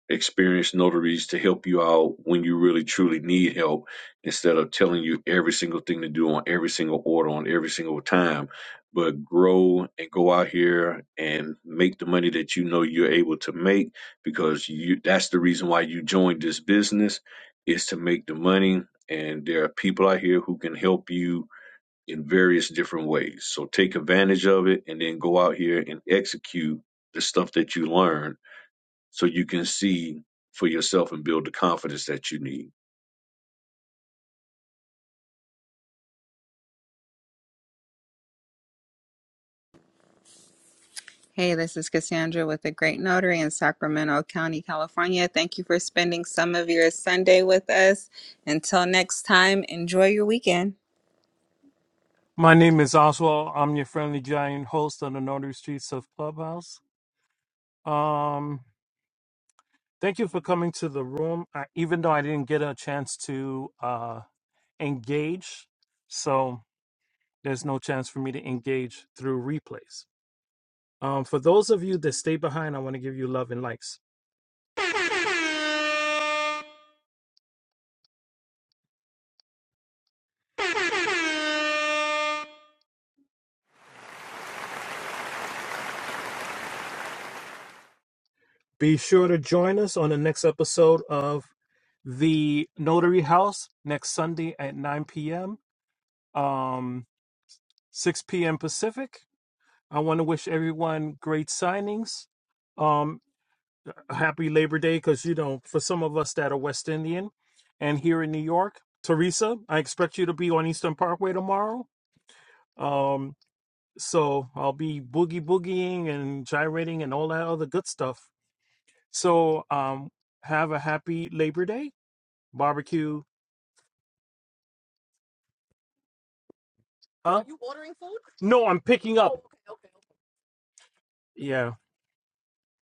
Speaker 2: experienced notaries to help you out when you really truly need help instead of telling you every single thing to do on every single order on every single time but grow and go out here and make the money that you know you're able to make because you that's the reason why you joined this business is to make the money and there are people out here who can help you in various different ways so take advantage of it and then go out here and execute the stuff that you learn so you can see for yourself and build the confidence that you need.
Speaker 1: Hey, this is Cassandra with the Great Notary in Sacramento County, California. Thank you for spending some of your Sunday with us. Until next time, enjoy your weekend.
Speaker 3: my name is Oswald. I'm your friendly giant host on the Northern Streets of Clubhouse. Um thank you for coming to the room. I, even though I didn't get a chance to uh engage. So there's no chance for me to engage through replays. Um, for those of you that stay behind, I want to give you love and likes. Be sure to join us on the next episode of the Notary House next Sunday at 9 p.m., um, 6 p.m. Pacific. I want to wish everyone great signings. Um, a happy Labor Day because, you know, for some of us that are West Indian and here in New York. Teresa, I expect you to be on Eastern Parkway tomorrow. Um, so I'll be boogie boogieing and gyrating and all that other good stuff. So um, have a happy Labor Day barbecue. Huh? Are You ordering food? No, I'm picking up. Oh, Okay, okay, okay. Yeah.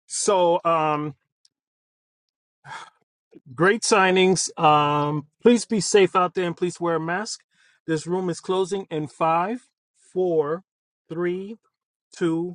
Speaker 3: So um, Great signings. Um, please be safe out there and please wear a mask. This room is closing in five, four, three, two,